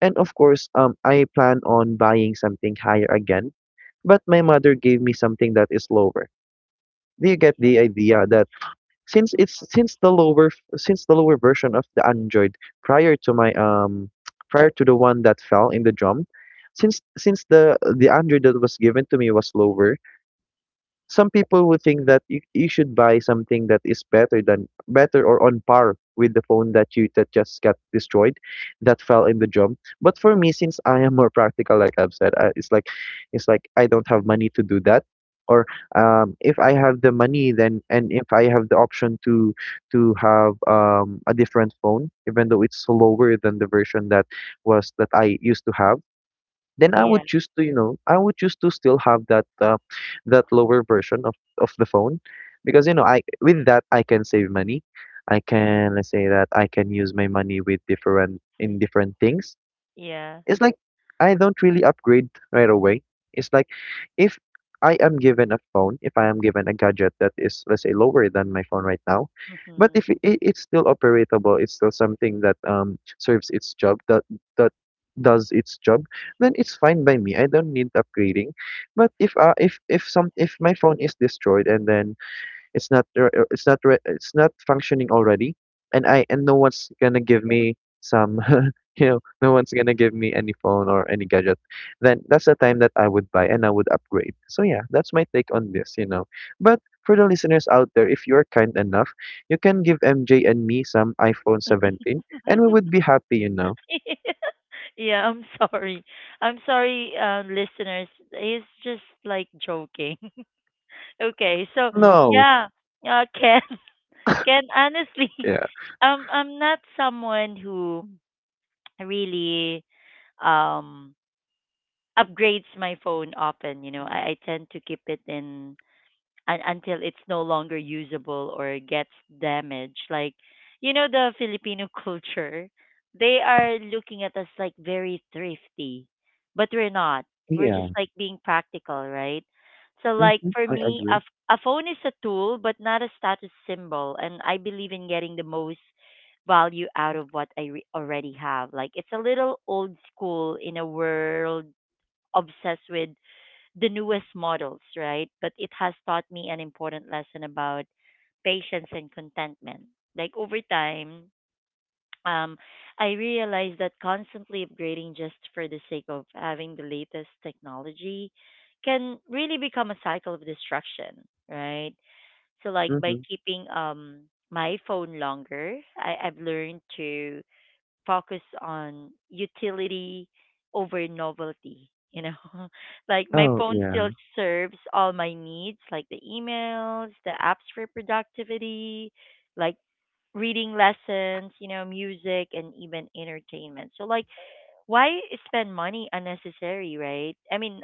[SPEAKER 2] and of course, I plan on buying something higher again, but my mother gave me something that is lower. Do you get the
[SPEAKER 1] Yeah.
[SPEAKER 2] idea that since it's since the lower, since the lower version of the Android prior to my [TSK] prior to the one that fell in the drum, since the Android that was given to me was lower, some people would think that you should buy something that is better than better or on par with the phone that you that just got destroyed, that fell in the jump. But for me, since I am more practical, like I've said, it's like I don't have money to do that, or if I have the money then, and if I have the option to have, a different phone even though it's slower than the version that was that I used to have, then I would
[SPEAKER 1] Yeah.
[SPEAKER 2] choose to, you know, I would choose to still have that, that lower version of the phone, because you know, I with that I can save money. I can, let's say that I can use my money with different in different things.
[SPEAKER 1] Yeah.
[SPEAKER 2] It's like I don't really upgrade right away. It's like if I am given a phone, if I am given a gadget that is, let's say, lower than my phone right now, but
[SPEAKER 1] Mm-hmm.
[SPEAKER 2] if it's still operatable, it's still something that serves its job, that that does its job, then it's fine by me. I don't need upgrading. But if some if my phone is destroyed and then it's not r- it's not functioning already, and I and no one's gonna give me some, [LAUGHS] you know, no one's gonna give me any phone or any gadget. Then that's the time that I would buy and I would upgrade. So yeah, that's my take on this, you know. But for the listeners out there, if you're kind enough, you can give MJ and me some iPhone 17, and we would
[SPEAKER 1] [LAUGHS]
[SPEAKER 2] be happy, you know.
[SPEAKER 1] [LAUGHS] Yeah, I'm sorry. I'm sorry, listeners. He's just like joking. [LAUGHS] Okay, so
[SPEAKER 2] No,
[SPEAKER 1] yeah, Ken, [LAUGHS] Ken, honestly,
[SPEAKER 2] yeah.
[SPEAKER 1] [LAUGHS] I'm not someone who really um upgrades my phone often. You know, I tend to keep it in until it's no longer usable or gets damaged. Like, you know, the Filipino [LAUGHS] culture, they are looking at us like very thrifty, but we're not. We're
[SPEAKER 2] Yeah.
[SPEAKER 1] just like being practical, right? So, like
[SPEAKER 2] Mm-hmm.
[SPEAKER 1] for
[SPEAKER 2] I
[SPEAKER 1] me,
[SPEAKER 2] agree.
[SPEAKER 1] a phone is a tool, but not a status symbol. And I believe in getting the most value out of what I already have. Like, it's a little old school in a world obsessed with the newest models, right? But it has taught me an important lesson about patience and contentment. Like over time, um, I realized that constantly upgrading just for the sake of having the latest technology can really become a cycle of destruction, right? So like by
[SPEAKER 2] Mm-hmm.
[SPEAKER 1] keeping my phone longer, I've learned to focus on utility over novelty. You know, [LAUGHS] like my
[SPEAKER 2] Oh,
[SPEAKER 1] phone still
[SPEAKER 2] yeah.
[SPEAKER 1] serves all my needs, like the emails, the apps for productivity, like reading lessons, you know, music, and even entertainment. So, like, why spend money unnecessary, right? I mean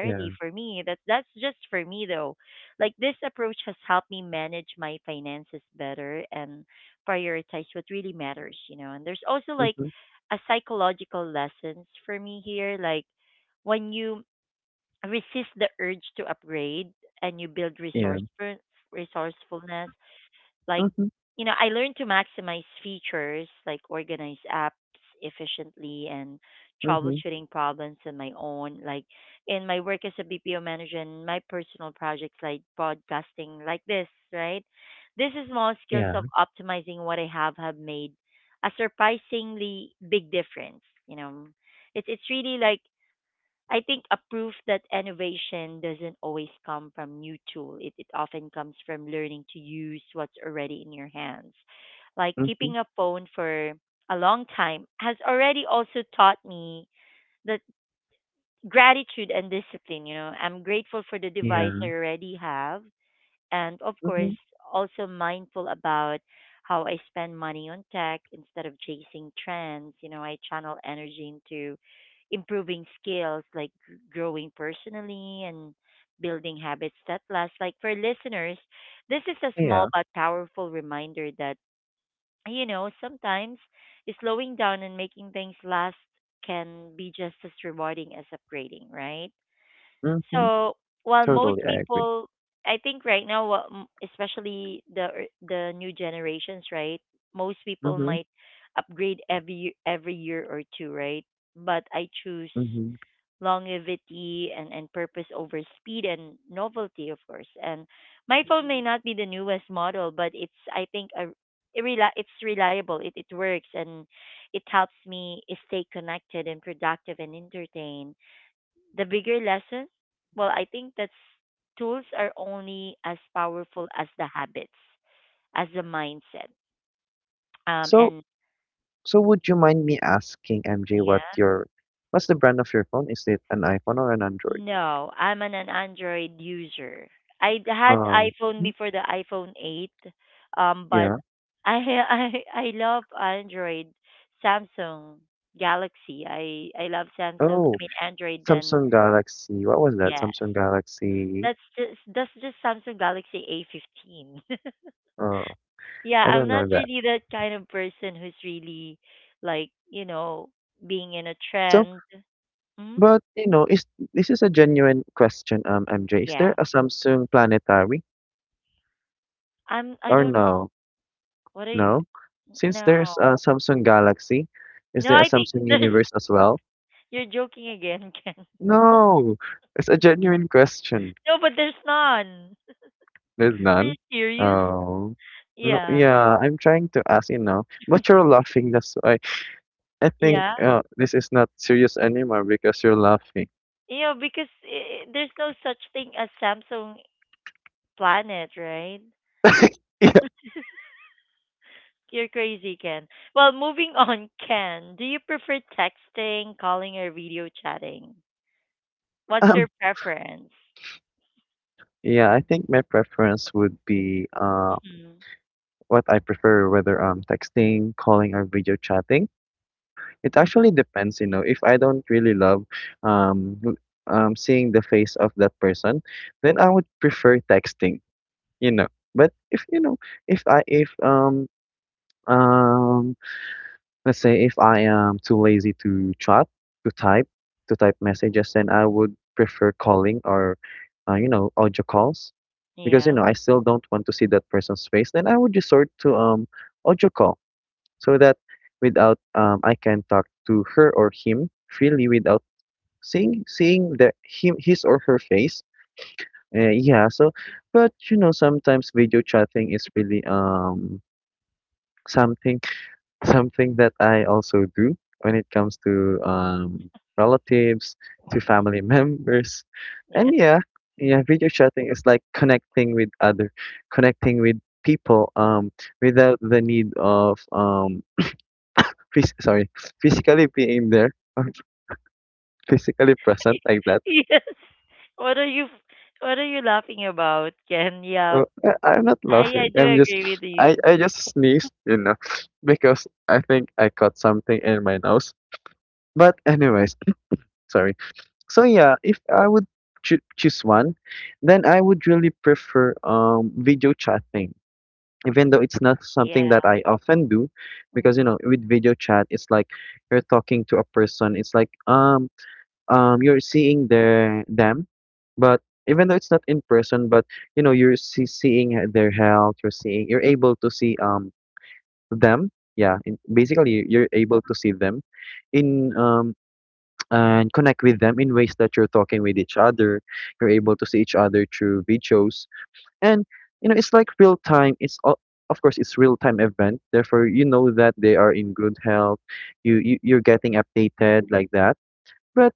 [SPEAKER 2] Yeah.
[SPEAKER 1] For me, that's just for me though. Like this approach has helped me manage my finances better and prioritize what really matters, you know. And there's also like
[SPEAKER 2] Mm-hmm.
[SPEAKER 1] a psychological lessons for me here. Like when you resist the urge to upgrade and you build
[SPEAKER 2] Yeah.
[SPEAKER 1] resourcefulness, like,
[SPEAKER 2] Mm-hmm.
[SPEAKER 1] you know, I learned to maximize features, like organize apps efficiently and
[SPEAKER 2] Mm-hmm.
[SPEAKER 1] troubleshooting problems on my own. Like in my work as a BPO manager and my personal projects like podcasting like this, right? These small skills of
[SPEAKER 2] Yeah.
[SPEAKER 1] optimizing what I have made a surprisingly big difference, you know. It's really like, I think, a proof that innovation doesn't always come from new tool. It often comes from learning to use what's already in your hands. Like
[SPEAKER 2] Mm-hmm.
[SPEAKER 1] keeping a phone for a long time has already also taught me that gratitude and discipline, you know. I'm grateful for the
[SPEAKER 2] Yeah.
[SPEAKER 1] device I already have, and of course
[SPEAKER 2] Mhm.
[SPEAKER 1] also mindful about how I spend money on tech instead of chasing trends. You know, I channel energy into improving skills like growing personally and building habits that last. Like for listeners, this is a small
[SPEAKER 2] Yeah.
[SPEAKER 1] but powerful reminder that, you know, sometimes slowing down and making things last can be just as rewarding as upgrading, right?
[SPEAKER 2] Mhm.
[SPEAKER 1] So while most
[SPEAKER 2] Totally, I agree.
[SPEAKER 1] people, I think right now, what especially the new generations, right? Most people
[SPEAKER 2] Mhm.
[SPEAKER 1] might upgrade every every year or two, right? But I choose
[SPEAKER 2] Mhm.
[SPEAKER 1] longevity and purpose over speed and novelty, of course. And my phone may not be the newest model, but it's, I think, a, it it's reliable. It works and it helps me stay connected and productive and entertained. The bigger lesson, well, I think that's, tools are only as powerful as the habits, as the mindset.
[SPEAKER 2] So,
[SPEAKER 1] And
[SPEAKER 2] so would you mind me asking, MJ,
[SPEAKER 1] yeah,
[SPEAKER 2] what your, what's the brand of your phone? Is it an iPhone or an Android?
[SPEAKER 1] no, I'm an Android user. I had
[SPEAKER 2] Um.
[SPEAKER 1] iPhone
[SPEAKER 2] Mhm.
[SPEAKER 1] before the iPhone 8, but
[SPEAKER 2] Yeah.
[SPEAKER 1] I [LAUGHS] I love Android, Samsung, Galaxy. I love Samsung. I
[SPEAKER 2] Oh,
[SPEAKER 1] mean Android. Then
[SPEAKER 2] Samsung Galaxy. What was that?
[SPEAKER 1] yes,
[SPEAKER 2] Samsung Galaxy.
[SPEAKER 1] that's just Samsung Galaxy A15. [LAUGHS]
[SPEAKER 2] Oh,
[SPEAKER 1] Yeah,
[SPEAKER 2] I
[SPEAKER 1] I'm
[SPEAKER 2] don't
[SPEAKER 1] not
[SPEAKER 2] know that.
[SPEAKER 1] really that kind of person who's really like, you know, being in a
[SPEAKER 2] So,
[SPEAKER 1] trend. Mm?
[SPEAKER 2] but you know, is this is a genuine question, MJ? Is there
[SPEAKER 1] Yeah.
[SPEAKER 2] a Samsung Planetary
[SPEAKER 1] I'm I
[SPEAKER 2] or
[SPEAKER 1] don't know.
[SPEAKER 2] no?
[SPEAKER 1] What are you
[SPEAKER 2] No. Since
[SPEAKER 1] No.
[SPEAKER 2] there's a Samsung Galaxy, is
[SPEAKER 1] No,
[SPEAKER 2] there a
[SPEAKER 1] I think
[SPEAKER 2] Samsung
[SPEAKER 1] there's
[SPEAKER 2] Universe as well?
[SPEAKER 1] [LAUGHS] you're joking again, [LAUGHS] Ken.
[SPEAKER 2] No, it's a genuine question.
[SPEAKER 1] No, but there's none.
[SPEAKER 2] There's
[SPEAKER 1] Are you
[SPEAKER 2] none.
[SPEAKER 1] serious?
[SPEAKER 2] Oh, no,
[SPEAKER 1] Yeah.
[SPEAKER 2] yeah, I'm trying to ask you now, but you're laughing. That's why I think
[SPEAKER 1] Yeah.
[SPEAKER 2] this is not serious anymore because you're laughing.
[SPEAKER 1] You know, because I there's no such thing as Samsung Planet, right?
[SPEAKER 2] [LAUGHS]
[SPEAKER 1] You're crazy, Ken. Well, moving [LAUGHS] on, Ken, do you prefer texting, calling, or video chatting? What's
[SPEAKER 2] Yeah,
[SPEAKER 1] your preference?
[SPEAKER 2] yeah, I think my preference would be,
[SPEAKER 1] Mhm.
[SPEAKER 2] what I prefer, whether texting, calling, or video chatting. It actually
[SPEAKER 1] Mhm.
[SPEAKER 2] depends, you know. If I don't really love um l- seeing the face of that person, then I would prefer texting. you know but if you know if um let's say if I am too lazy to chat, to type to type messages, then I would prefer calling, or audio calls. Because
[SPEAKER 1] Yeah.
[SPEAKER 2] I still don't want to see that person's face, then I would resort to audio call. So that, without I can talk to her or him freely, without seeing their, him, his, or her face. Yeah, so, but sometimes video chatting is really, something, [LAUGHS] something that I also do, when it comes to, relatives, to
[SPEAKER 1] Mhm.
[SPEAKER 2] family [LAUGHS] members.
[SPEAKER 1] Yeah.
[SPEAKER 2] And yeah, yeah, video chatting is like connecting with people, without the need of, phys- sorry, [LAUGHS] [SNIFFS] physically being there, or [LAUGHS] physically present like that.
[SPEAKER 1] [LAUGHS] Yes. What are you What are you laughing about, Ken? Yeah.
[SPEAKER 2] I'm not
[SPEAKER 1] I
[SPEAKER 2] laughing.
[SPEAKER 1] do
[SPEAKER 2] I'm just,
[SPEAKER 1] agree with
[SPEAKER 2] I,
[SPEAKER 1] you.
[SPEAKER 2] I just sneezed, you know, because I think I caught something in my nose. But anyways, sorry. So yeah, if I would choose one, then I would really prefer, video chatting. Even though it's not something
[SPEAKER 1] Yeah.
[SPEAKER 2] that I often do, because
[SPEAKER 1] Mhm.
[SPEAKER 2] you know, with video chat, it's like you're talking to a person. It's like, you're seeing their them, but even though it's not in person, but you know, seeing their health, you're seeing, you're able to see, them, yeah. Basically, you're able to see them in, [TSK] and connect with them in ways that you're talking with each other, you're able to see each other through videos. And you know, it's like real time. It's all, of course it's real time event, therefore you know that they are in good health. You're getting updated like that, but.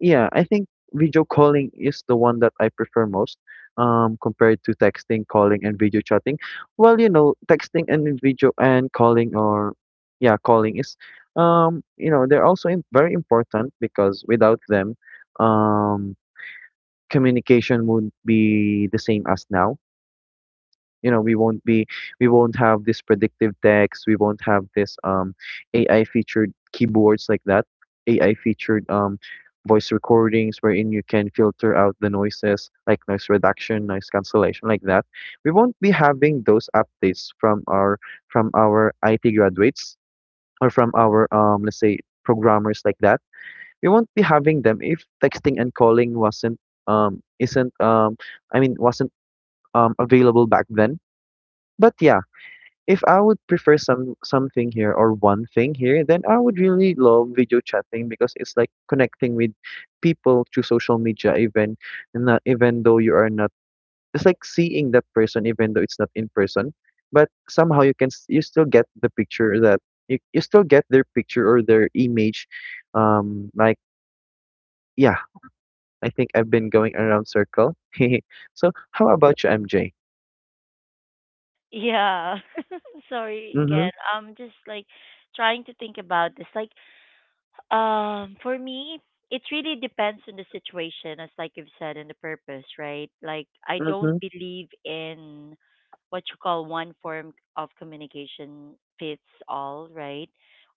[SPEAKER 2] Yeah, I think video calling is the one that I prefer most, compared to texting, calling, and video chatting. Well, you know, texting and video and calling, or yeah, calling is, you know, they're also very important, because without them, um, communication wouldn't be the same as now. You know, we won't have this predictive text, we won't have this, AI featured keyboards like that, AI featured, voice recordings, wherein you can filter out the noises, like noise reduction, noise cancellation, like that. We won't be having those updates from our, IT graduates, or from our, let's say programmers like that. We won't be having them if texting and calling wasn't isn't I mean wasn't, available back then. But yeah, if I would prefer something here, or one thing here, then I would really love video chatting, because it's like connecting with people through social media, even, not even though you are not. It's like seeing that person, even though it's not in person, but somehow you still get the picture that, you still get their picture or their image. Um, like yeah, I think I've been going around circle. [LAUGHS] So how about you, MJ?
[SPEAKER 1] Yeah. [LAUGHS] Sorry,
[SPEAKER 2] Mm-hmm.
[SPEAKER 1] Ken. I'm just like trying to think about this. Like for me, it really depends on the situation, as like you've said, and the purpose, right? Like I don't
[SPEAKER 2] Mm-hmm.
[SPEAKER 1] believe in what you call one form of communication fits all, right?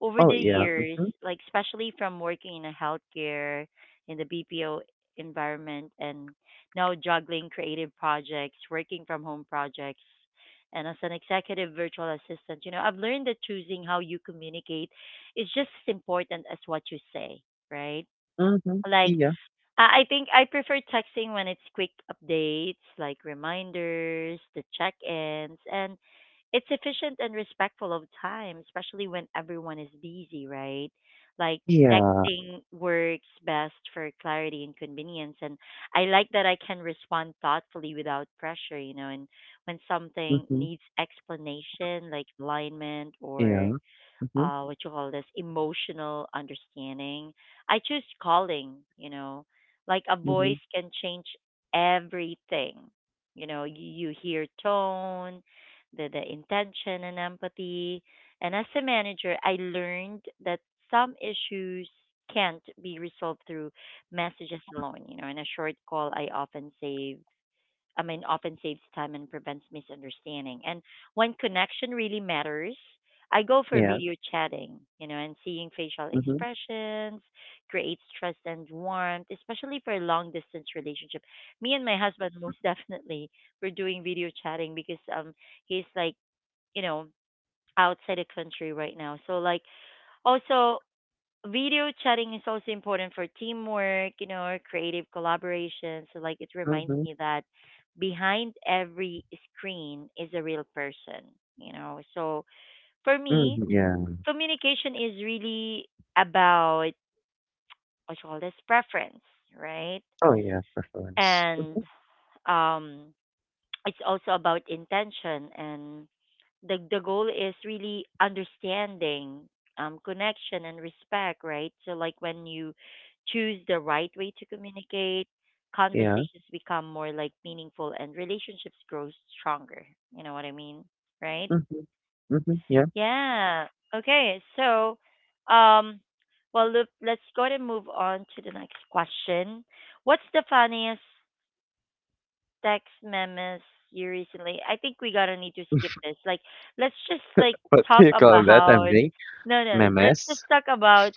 [SPEAKER 1] Over
[SPEAKER 2] Oh
[SPEAKER 1] the
[SPEAKER 2] yeah.
[SPEAKER 1] years,
[SPEAKER 2] Mm-hmm.
[SPEAKER 1] like especially from working in a healthcare in the BPO environment and now juggling creative projects, working from home projects, and as an executive virtual assistant, you know, I've learned that choosing how you communicate, it's just as important as what you say, right?
[SPEAKER 2] Mm-hmm.
[SPEAKER 1] Like
[SPEAKER 2] Yeah.
[SPEAKER 1] I think I prefer texting when it's quick updates, like reminders, the check-ins, and it's efficient and respectful of time, especially when everyone is busy, right? Like
[SPEAKER 2] Yeah.
[SPEAKER 1] texting works best for clarity and convenience, and I like that I can respond thoughtfully without pressure, you know. And when something
[SPEAKER 2] Mhm.
[SPEAKER 1] needs explanation, like alignment or
[SPEAKER 2] Yeah. Mhm,
[SPEAKER 1] what you call this, emotional understanding, I choose calling, you know. Like a
[SPEAKER 2] mhm.
[SPEAKER 1] voice can change everything. You know, you hear tone, the intention and empathy. And as a manager, I learned that some issues can't be resolved through messages alone, you know. In a short call, I often save, I mean, often saves time and prevents misunderstanding. And when connection really matters, I go for
[SPEAKER 2] Yeah.
[SPEAKER 1] video chatting, you know. And seeing facial
[SPEAKER 2] Mhm,
[SPEAKER 1] expressions creates trust and warmth, especially for a long distance relationship. Me and my husband [LAUGHS] most definitely, we're doing video chatting because he's like, you know, outside the country right now. So like also video chatting is also important for teamwork, you know, or creative collaboration. So like it reminds
[SPEAKER 2] mhm,
[SPEAKER 1] me that behind every screen is a real person, you know. So for me,
[SPEAKER 2] mhm, yeah.
[SPEAKER 1] communication is really about, what you call this, preference, right?
[SPEAKER 2] Oh, yeah, preference.
[SPEAKER 1] And um it's also about intention and the goal is really understanding connection and respect, right? So like when you choose the right way to communicate,
[SPEAKER 2] Yeah.
[SPEAKER 1] conversations become more like meaningful and relationships grow stronger, you know what I mean, right?
[SPEAKER 2] Mhm, mhm, yeah.
[SPEAKER 1] Yeah. Okay, so um well, look, let's go ahead and move on to the next question. What's the funniest text memes you recently? I think we gotta need to skip this. Like, let's just like
[SPEAKER 2] What
[SPEAKER 1] talk
[SPEAKER 2] do you call that,
[SPEAKER 1] about.
[SPEAKER 2] MJ?
[SPEAKER 1] No, no. Let's just
[SPEAKER 2] Memes?
[SPEAKER 1] talk about.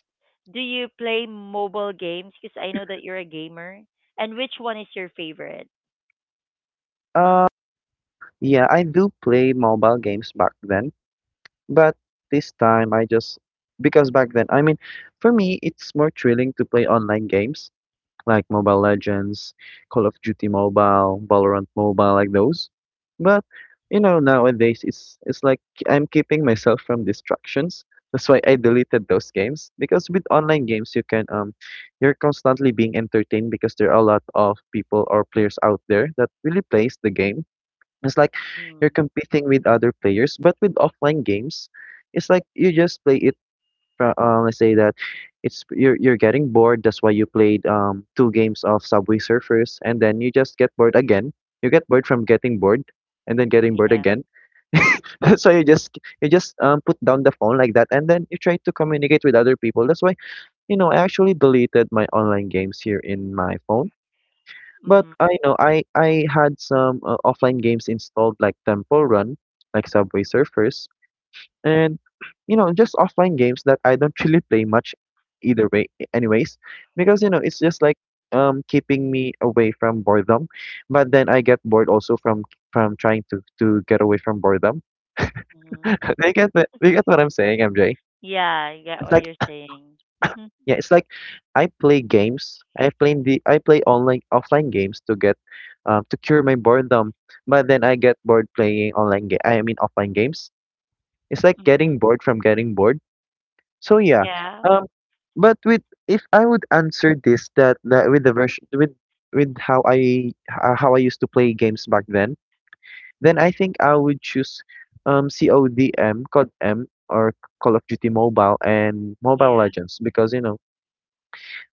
[SPEAKER 1] Do you play mobile games? Because I know that you're a gamer. And which one is your favorite?
[SPEAKER 2] Uh, yeah, I do play mobile games back then, but this time I just, because back then, I mean, for me, it's more thrilling to play online games like Mobile Legends, Call of Duty Mobile, Valorant Mobile, like those. But you know, nowadays it's like I'm keeping myself from distractions. That's why I deleted those games, because with online games you can, you're constantly being entertained, because there are a lot of people or players out there that really plays the game. It's like you're
[SPEAKER 1] Mm,
[SPEAKER 2] competing with other players, but with offline games, it's like you just play it, let's say that, it's you're getting bored. That's why you played, two games of Subway Surfers, and then you just get bored again. You get bored from getting bored, and then getting bored
[SPEAKER 1] yeah.
[SPEAKER 2] again. [LAUGHS] So you just, put down the phone like that, and then you try to communicate with other people. That's why, you know, I actually deleted my online games here in my phone. But
[SPEAKER 1] Mhm.
[SPEAKER 2] I know I had some, offline games installed like Temple Run, like Subway Surfers, and you know, just offline games that I don't really play much either way, anyways, because you know, it's just like, keeping me away from boredom. But then I get bored also from, trying to get away from boredom.
[SPEAKER 1] Mhm.
[SPEAKER 2] [LAUGHS] They get what I'm saying, MJ.
[SPEAKER 1] Yeah. I get
[SPEAKER 2] It's
[SPEAKER 1] what
[SPEAKER 2] like,
[SPEAKER 1] you're saying. Mhm.
[SPEAKER 2] yeah, it's like, I play online offline games to get, to cure my boredom. But then I get bored playing online ga- I mean offline games. It's like
[SPEAKER 1] Mhm.
[SPEAKER 2] getting bored from getting bored. So yeah,
[SPEAKER 1] Yeah.
[SPEAKER 2] um, but with if I would answer this, that with the version, with how I h- how I used to play games back then I think I would choose, CODM, CODM, or Call of Duty Mobile and Mobile
[SPEAKER 1] Yeah.
[SPEAKER 2] Legends, because you know,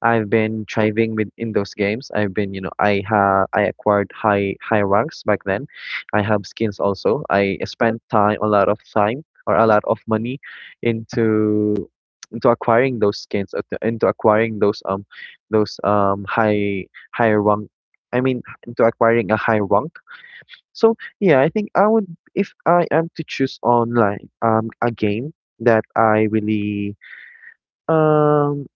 [SPEAKER 2] I've been thriving with in those games. I've been, you know, I acquired high ranks back then. I have skins also. I spent time a lot of time, or a lot of money into into acquiring those skins, into acquiring those, those um high high rank. I mean, into acquiring a high rank. So yeah, I think I would if I am to choose online, a game that I really, um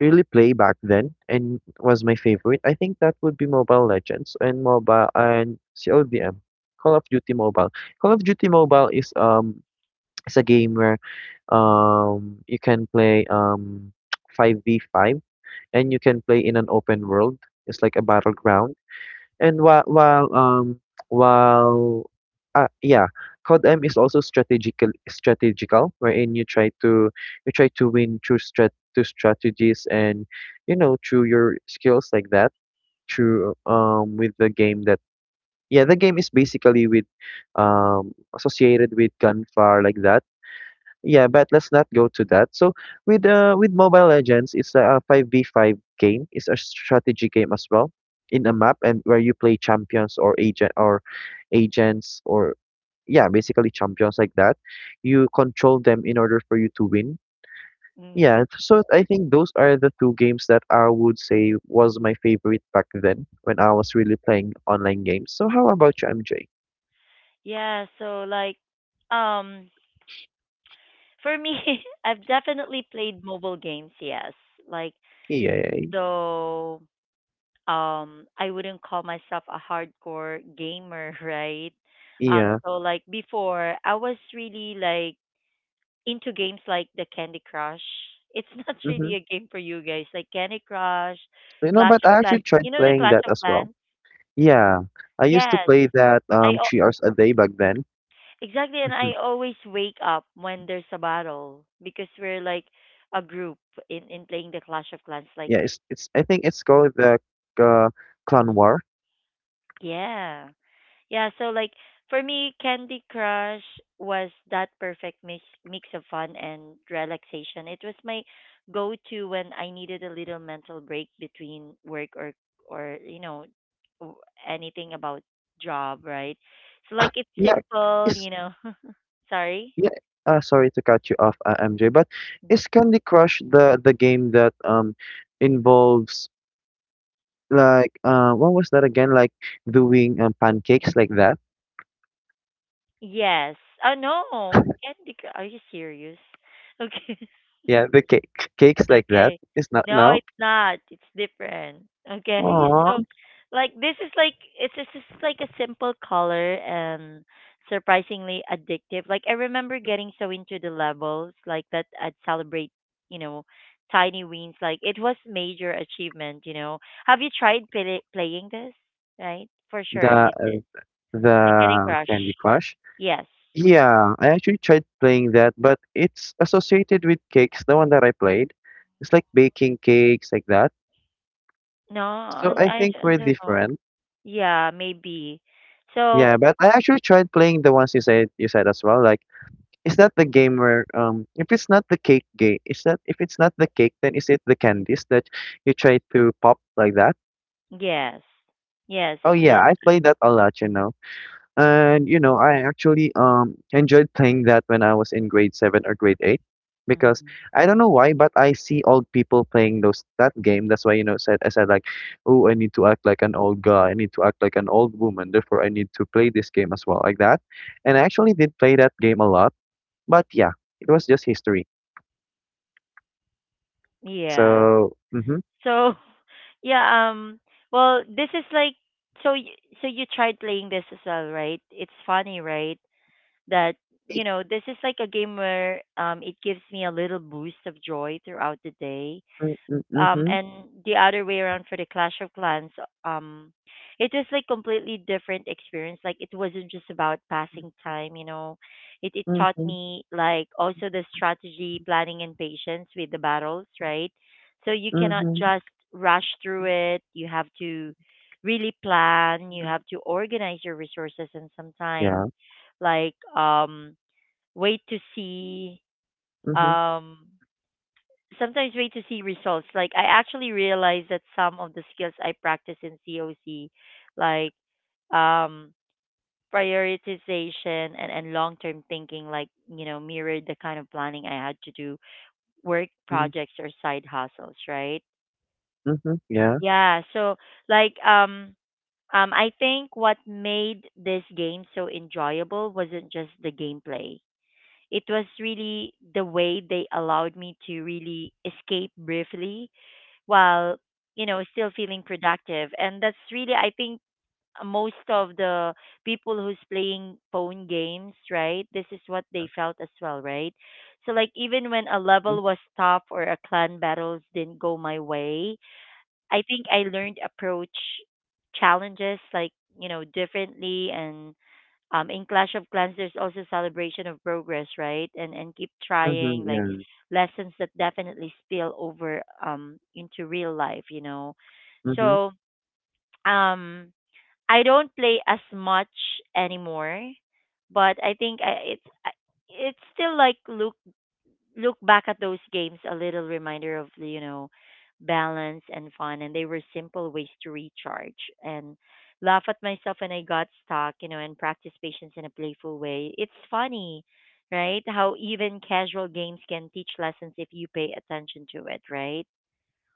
[SPEAKER 2] really play back then and was my favorite, I think that would be Mobile Legends and mobile and CODM, Call of Duty Mobile. Call of Duty Mobile is, is a game where, you can play, [TSK] 5v5, and you can play in an open world. It's like a battleground. And while yeah, COD M is also strategical, wherein you try to win through strategies, and you know, through your skills like that, through with the game that yeah, the game is basically, with associated with gunfire like that. Yeah, but let's not go to that. So with Mobile Legends, it's a five v five game. It's a strategy game as well, in a map, and where you play champions or agents, or yeah, basically champions like that. You control them in order for you to win. Yeah,
[SPEAKER 1] Mm.
[SPEAKER 2] so I think those are the two games that I would say was my favorite back then, when I was really playing online games. So how about you, MJ?
[SPEAKER 1] Yeah. So like, um, for me, [LAUGHS] I've definitely played mobile games. Yes. Like,
[SPEAKER 2] Yeah,
[SPEAKER 1] though I wouldn't call myself a hardcore gamer, [LAUGHS] right?
[SPEAKER 2] yeah.
[SPEAKER 1] So like before, I was really like into games like the Candy Crush. It's [LAUGHS] not
[SPEAKER 2] Mm-hmm.
[SPEAKER 1] really a game for you guys, like Candy Crush,
[SPEAKER 2] You know,
[SPEAKER 1] Clash
[SPEAKER 2] but
[SPEAKER 1] of
[SPEAKER 2] I actually
[SPEAKER 1] Clans.
[SPEAKER 2] tried
[SPEAKER 1] You know the
[SPEAKER 2] playing
[SPEAKER 1] Clash
[SPEAKER 2] that
[SPEAKER 1] of
[SPEAKER 2] as well.
[SPEAKER 1] Clans?
[SPEAKER 2] Yeah, I used to
[SPEAKER 1] Yes.
[SPEAKER 2] play that,
[SPEAKER 1] I al-
[SPEAKER 2] 3 hours a day back then.
[SPEAKER 1] exactly, and
[SPEAKER 2] Mhm.
[SPEAKER 1] I always wake up when there's a battle because we're like a group in playing the Clash of Clans like,
[SPEAKER 2] Yeah, it's I think it's called the, uh, Clan War.
[SPEAKER 1] yeah. Yeah, so like for me, Candy Crush was that perfect mix of fun and relaxation. It was my go-to when I needed a little mental break between work or you know, w- anything about job, right? So like, it's
[SPEAKER 2] Yeah,
[SPEAKER 1] simple,
[SPEAKER 2] it's
[SPEAKER 1] you know. [LAUGHS] Sorry.
[SPEAKER 2] yeah. Sorry to cut you off, MJ, but is Candy Crush the game that, involves, like, what was that again? Like doing, pancakes like that?
[SPEAKER 1] Yes. Oh no, Candy Crush. Are you serious? [LAUGHS] Okay.
[SPEAKER 2] Yeah, the cake cakes like that.
[SPEAKER 1] Okay.
[SPEAKER 2] It's not.
[SPEAKER 1] No,
[SPEAKER 2] No.
[SPEAKER 1] it's not. It's different. Okay. [LAUGHS]
[SPEAKER 2] Aww.
[SPEAKER 1] So like, this is like, it's just like a simple color and surprisingly addictive. Like, I remember getting so into the levels like that I'd celebrate, you know, tiny wins. Like it was major achievement, you know. Have you tried playing this? Right? For sure
[SPEAKER 2] The
[SPEAKER 1] you did. The Candy
[SPEAKER 2] the
[SPEAKER 1] Crush.
[SPEAKER 2] Candy Crush.
[SPEAKER 1] Yes.
[SPEAKER 2] Yeah, I actually tried playing that, but it's associated with cakes, the one that I played. It's like baking cakes like that.
[SPEAKER 1] No,
[SPEAKER 2] So
[SPEAKER 1] I
[SPEAKER 2] I
[SPEAKER 1] I
[SPEAKER 2] think we're
[SPEAKER 1] don't know.
[SPEAKER 2] different.
[SPEAKER 1] Yeah, maybe. So,
[SPEAKER 2] Yeah, but I actually tried playing the ones you said as well. Like, is that the game where, if it's not the cake game, is that if it's not the cake, then is it the candies that you try to pop like that?
[SPEAKER 1] yes. Yes,
[SPEAKER 2] Oh
[SPEAKER 1] it's
[SPEAKER 2] yeah,
[SPEAKER 1] like,
[SPEAKER 2] I played that a lot, you know. And you know, I actually, enjoyed playing that when I was in grade seven or grade eight, because
[SPEAKER 1] mhm.
[SPEAKER 2] I don't know why, but I see old people playing those that game. That's why, you know, said I said like, "Oh, I need to act like an old guy, I need to act like an old woman, therefore I need to play this game as well," like that. And I actually did play that game a lot, but yeah, it was just history.
[SPEAKER 1] Yeah.
[SPEAKER 2] So mm-hmm,
[SPEAKER 1] So [LAUGHS] yeah, well, this is like, so y- so you tried playing this as well, right? It's funny, right? That, you know, this is like a game where it gives me a little boost of joy throughout the day.
[SPEAKER 2] mm-hmm, mm-hmm,
[SPEAKER 1] And the other way around for the Clash of Clans, um it was like completely different experience. Like, it wasn't just about passing time, you know. It taught
[SPEAKER 2] mm-hmm,
[SPEAKER 1] me like also the strategy, planning and patience with the battles, right? So you cannot
[SPEAKER 2] mm-hmm,
[SPEAKER 1] just rush through it. You have to really plan. You have to organize your resources, and sometimes
[SPEAKER 2] yeah,
[SPEAKER 1] like, wait to see,
[SPEAKER 2] mm-hmm,
[SPEAKER 1] um sometimes wait to see results. Like, I actually realized that some of the skills I practice in COC, like, um prioritization and long term thinking, like, you know, mirrored the kind of planning I had to do, work
[SPEAKER 2] mm-hmm,
[SPEAKER 1] projects or side hustles, right?
[SPEAKER 2] mm-hmm, yeah,
[SPEAKER 1] Yeah. So like, I think what made this game so enjoyable wasn't just the gameplay. It was really the way they allowed me to really escape briefly while, you know, still feeling productive. And that's really, I think, most of the people who's playing phone games, right, this is what they felt as well, right? So like, even when a
[SPEAKER 2] mm-hmm,
[SPEAKER 1] level was tough or a clan battles didn't go my way, I think I learned approach challenges like, you know, differently. And in Clash of Clans, there's also celebration of progress, right, and keep
[SPEAKER 2] mm-hmm,
[SPEAKER 1] trying, like
[SPEAKER 2] yeah,
[SPEAKER 1] lessons that definitely spill over into real life, you know.
[SPEAKER 2] mm-hmm.
[SPEAKER 1] So um I don't play as much anymore, but I think it's still like, look back at those games, a little reminder of the, you know, balance and fun. And they were simple ways to recharge and laugh at myself when I got stuck, you know, and practice patience in a playful way. It's funny, right, how even casual games can teach lessons if you pay attention to it, right?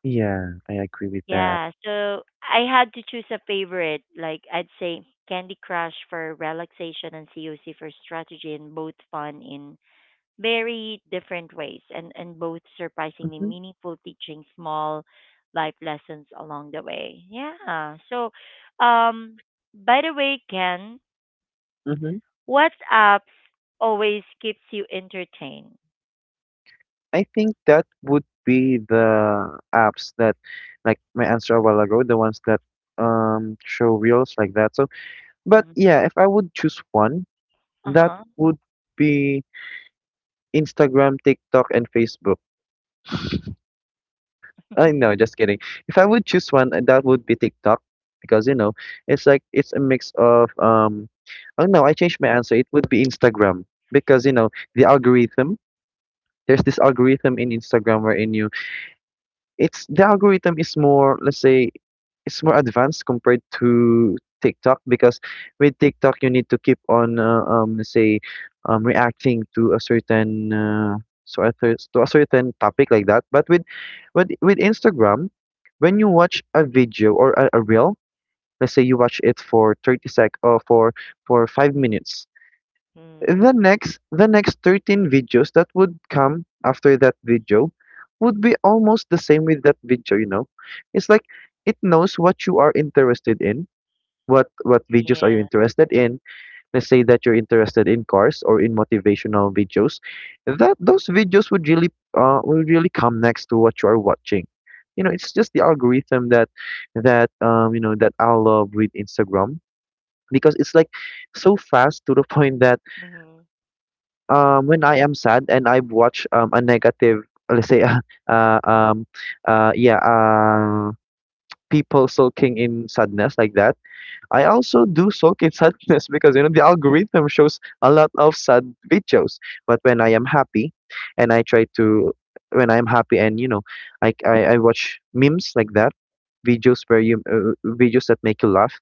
[SPEAKER 2] Yeah, I agree with that.
[SPEAKER 1] Yeah, so I had to choose a favorite. Like, I'd say Candy Crush for relaxation and COC for strategy, and both fun in very different ways, and both surprisingly
[SPEAKER 2] Hmm.
[SPEAKER 1] meaningful, teaching small life lessons along the way. Yeah. So um by the way, Ken,
[SPEAKER 2] Hmm.
[SPEAKER 1] what apps always keeps you entertained?
[SPEAKER 2] I think that would be the apps that, like my answer a while ago, the ones that, show reels like that. So, but
[SPEAKER 1] Hmm.
[SPEAKER 2] yeah, if I would choose one, that
[SPEAKER 1] Uh-huh.
[SPEAKER 2] would be Instagram, TikTok, and Facebook. I know, just kidding. If I would choose one, that would be TikTok, because you know, it's a mix of, Oh no, I changed my answer. It would be Instagram, because you know the algorithm. There's this algorithm in Instagram, wherein you it's the algorithm is more, let's say, it's more advanced compared to TikTok, because with TikTok you need to keep on, let's say, reacting to a certain, so to a certain topic like that. But with Instagram, when you watch a video or a reel, let's say you watch it for 30 sec, or for 5 minutes,
[SPEAKER 1] Mm.
[SPEAKER 2] the next 13 videos that would come after that video would be almost the same with that video, you know. It's like it knows what you are interested in, what videos are you
[SPEAKER 1] Yeah.
[SPEAKER 2] interested in. Let's say that you're interested in cars, or in motivational videos, that those videos would really, will really come next to what you are watching. You know, it's just the algorithm that, you know, that I love with Instagram, because it's like so fast to the [LAUGHS] point that,
[SPEAKER 1] Mm-hmm.
[SPEAKER 2] when I am sad and I watch, a negative, let's say, [LAUGHS] uh, um, yeah, people sulking in sadness like that. I also do soak in [LAUGHS] sadness, because you know, the algorithm shows a lot of sad videos. But when I am happy, and I try to when I am happy and you know, I watch memes like that, videos where you videos that make you laugh.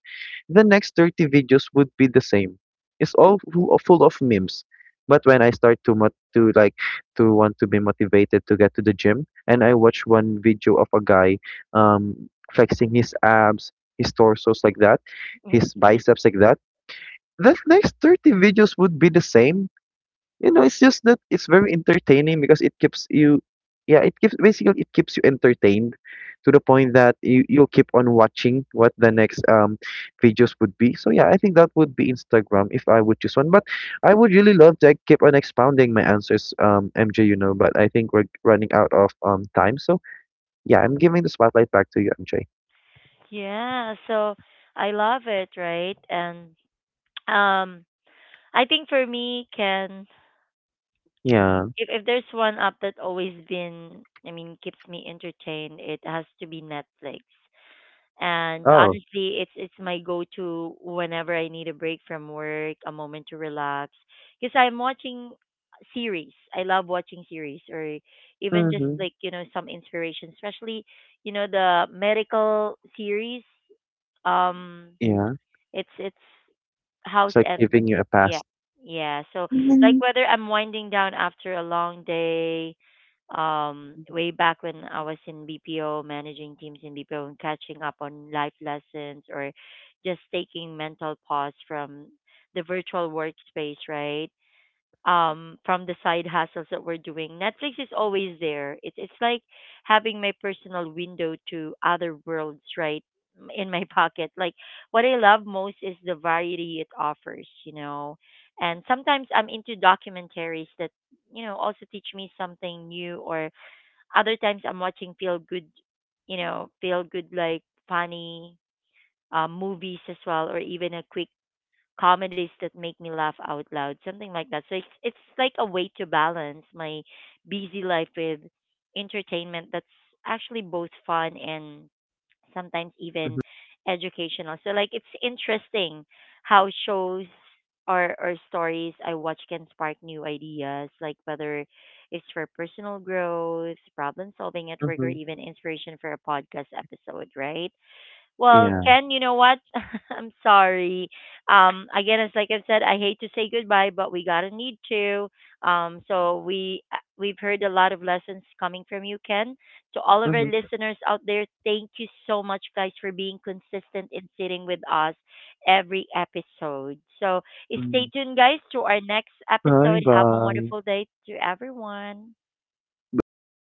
[SPEAKER 2] The next 30 videos would be the same. It's all full of memes. But when I start to to want to be motivated to get to the gym, and I watch one video of a guy, flexing his abs, his torsos like that, his
[SPEAKER 1] [LAUGHS]
[SPEAKER 2] biceps like that, the next 30 videos would be the same. You know, it's just that it's very entertaining, because it keeps you, yeah, it keeps, basically it keeps you entertained to the point that you'll keep on watching what the next, videos would be. So yeah, I think that would be Instagram if I would choose one. But I would really love to keep on expounding my answers, MJ. You know, but I think we're running out of, time. So yeah, I'm giving the spotlight back to you, MJ.
[SPEAKER 1] Yeah, so I love it, right? And um I think for me, Ken,
[SPEAKER 2] Yeah.
[SPEAKER 1] if there's one app that always been, I mean, keeps me entertained, it has to be Netflix. And
[SPEAKER 2] Oh.
[SPEAKER 1] honestly, it's my go-to whenever I need a break from work, a moment to relax, because I'm watching series. I love watching series, or even just
[SPEAKER 2] Mm-hmm.
[SPEAKER 1] like, you know, some inspiration, especially, you know, the medical series. Um
[SPEAKER 2] Yeah.
[SPEAKER 1] it's
[SPEAKER 2] It's
[SPEAKER 1] House
[SPEAKER 2] like
[SPEAKER 1] and
[SPEAKER 2] giving you a
[SPEAKER 1] yeah,
[SPEAKER 2] pass.
[SPEAKER 1] yeah. So like,
[SPEAKER 2] Mhm.
[SPEAKER 1] whether I'm winding down after a long day, way back when I was in BPO managing teams in BPO, and catching up on life lessons, or just taking mental pause from the virtual workspace, right, from the side hustles that we're doing, Netflix is always there. It's like having my personal window to other worlds, right, in my [LAUGHS] pocket. Like, what I love most is the variety it offers, you know. And sometimes I'm into documentaries that, you know, also teach me something new, or other times I'm watching feel good, you know, feel good, like funny movies as well, or even a quick comedies that make me laugh out loud, something like that. So it's like a way to balance my busy life with entertainment that's actually both fun and sometimes even
[SPEAKER 2] Mhm,
[SPEAKER 1] educational. So like, it's interesting how shows or stories I watch can spark new ideas, like whether it's for personal growth, problem solving at work, or
[SPEAKER 2] mhm.
[SPEAKER 1] even inspiration for a podcast episode, right? Well,
[SPEAKER 2] Yeah.
[SPEAKER 1] Ken, you know what? [LAUGHS] I'm sorry. Again, as like I said, I hate to say goodbye, but we gotta need to. Um, so we've heard a lot of lessons coming from you, Ken. To all of our
[SPEAKER 2] Mhm,
[SPEAKER 1] listeners out there, thank you so much, guys, for being consistent in sitting with us every episode. So stay
[SPEAKER 2] mhm.
[SPEAKER 1] tuned, guys, to our next episode. Have a
[SPEAKER 2] Bye-bye.
[SPEAKER 1] wonderful day to everyone.
[SPEAKER 2] Bye-bye.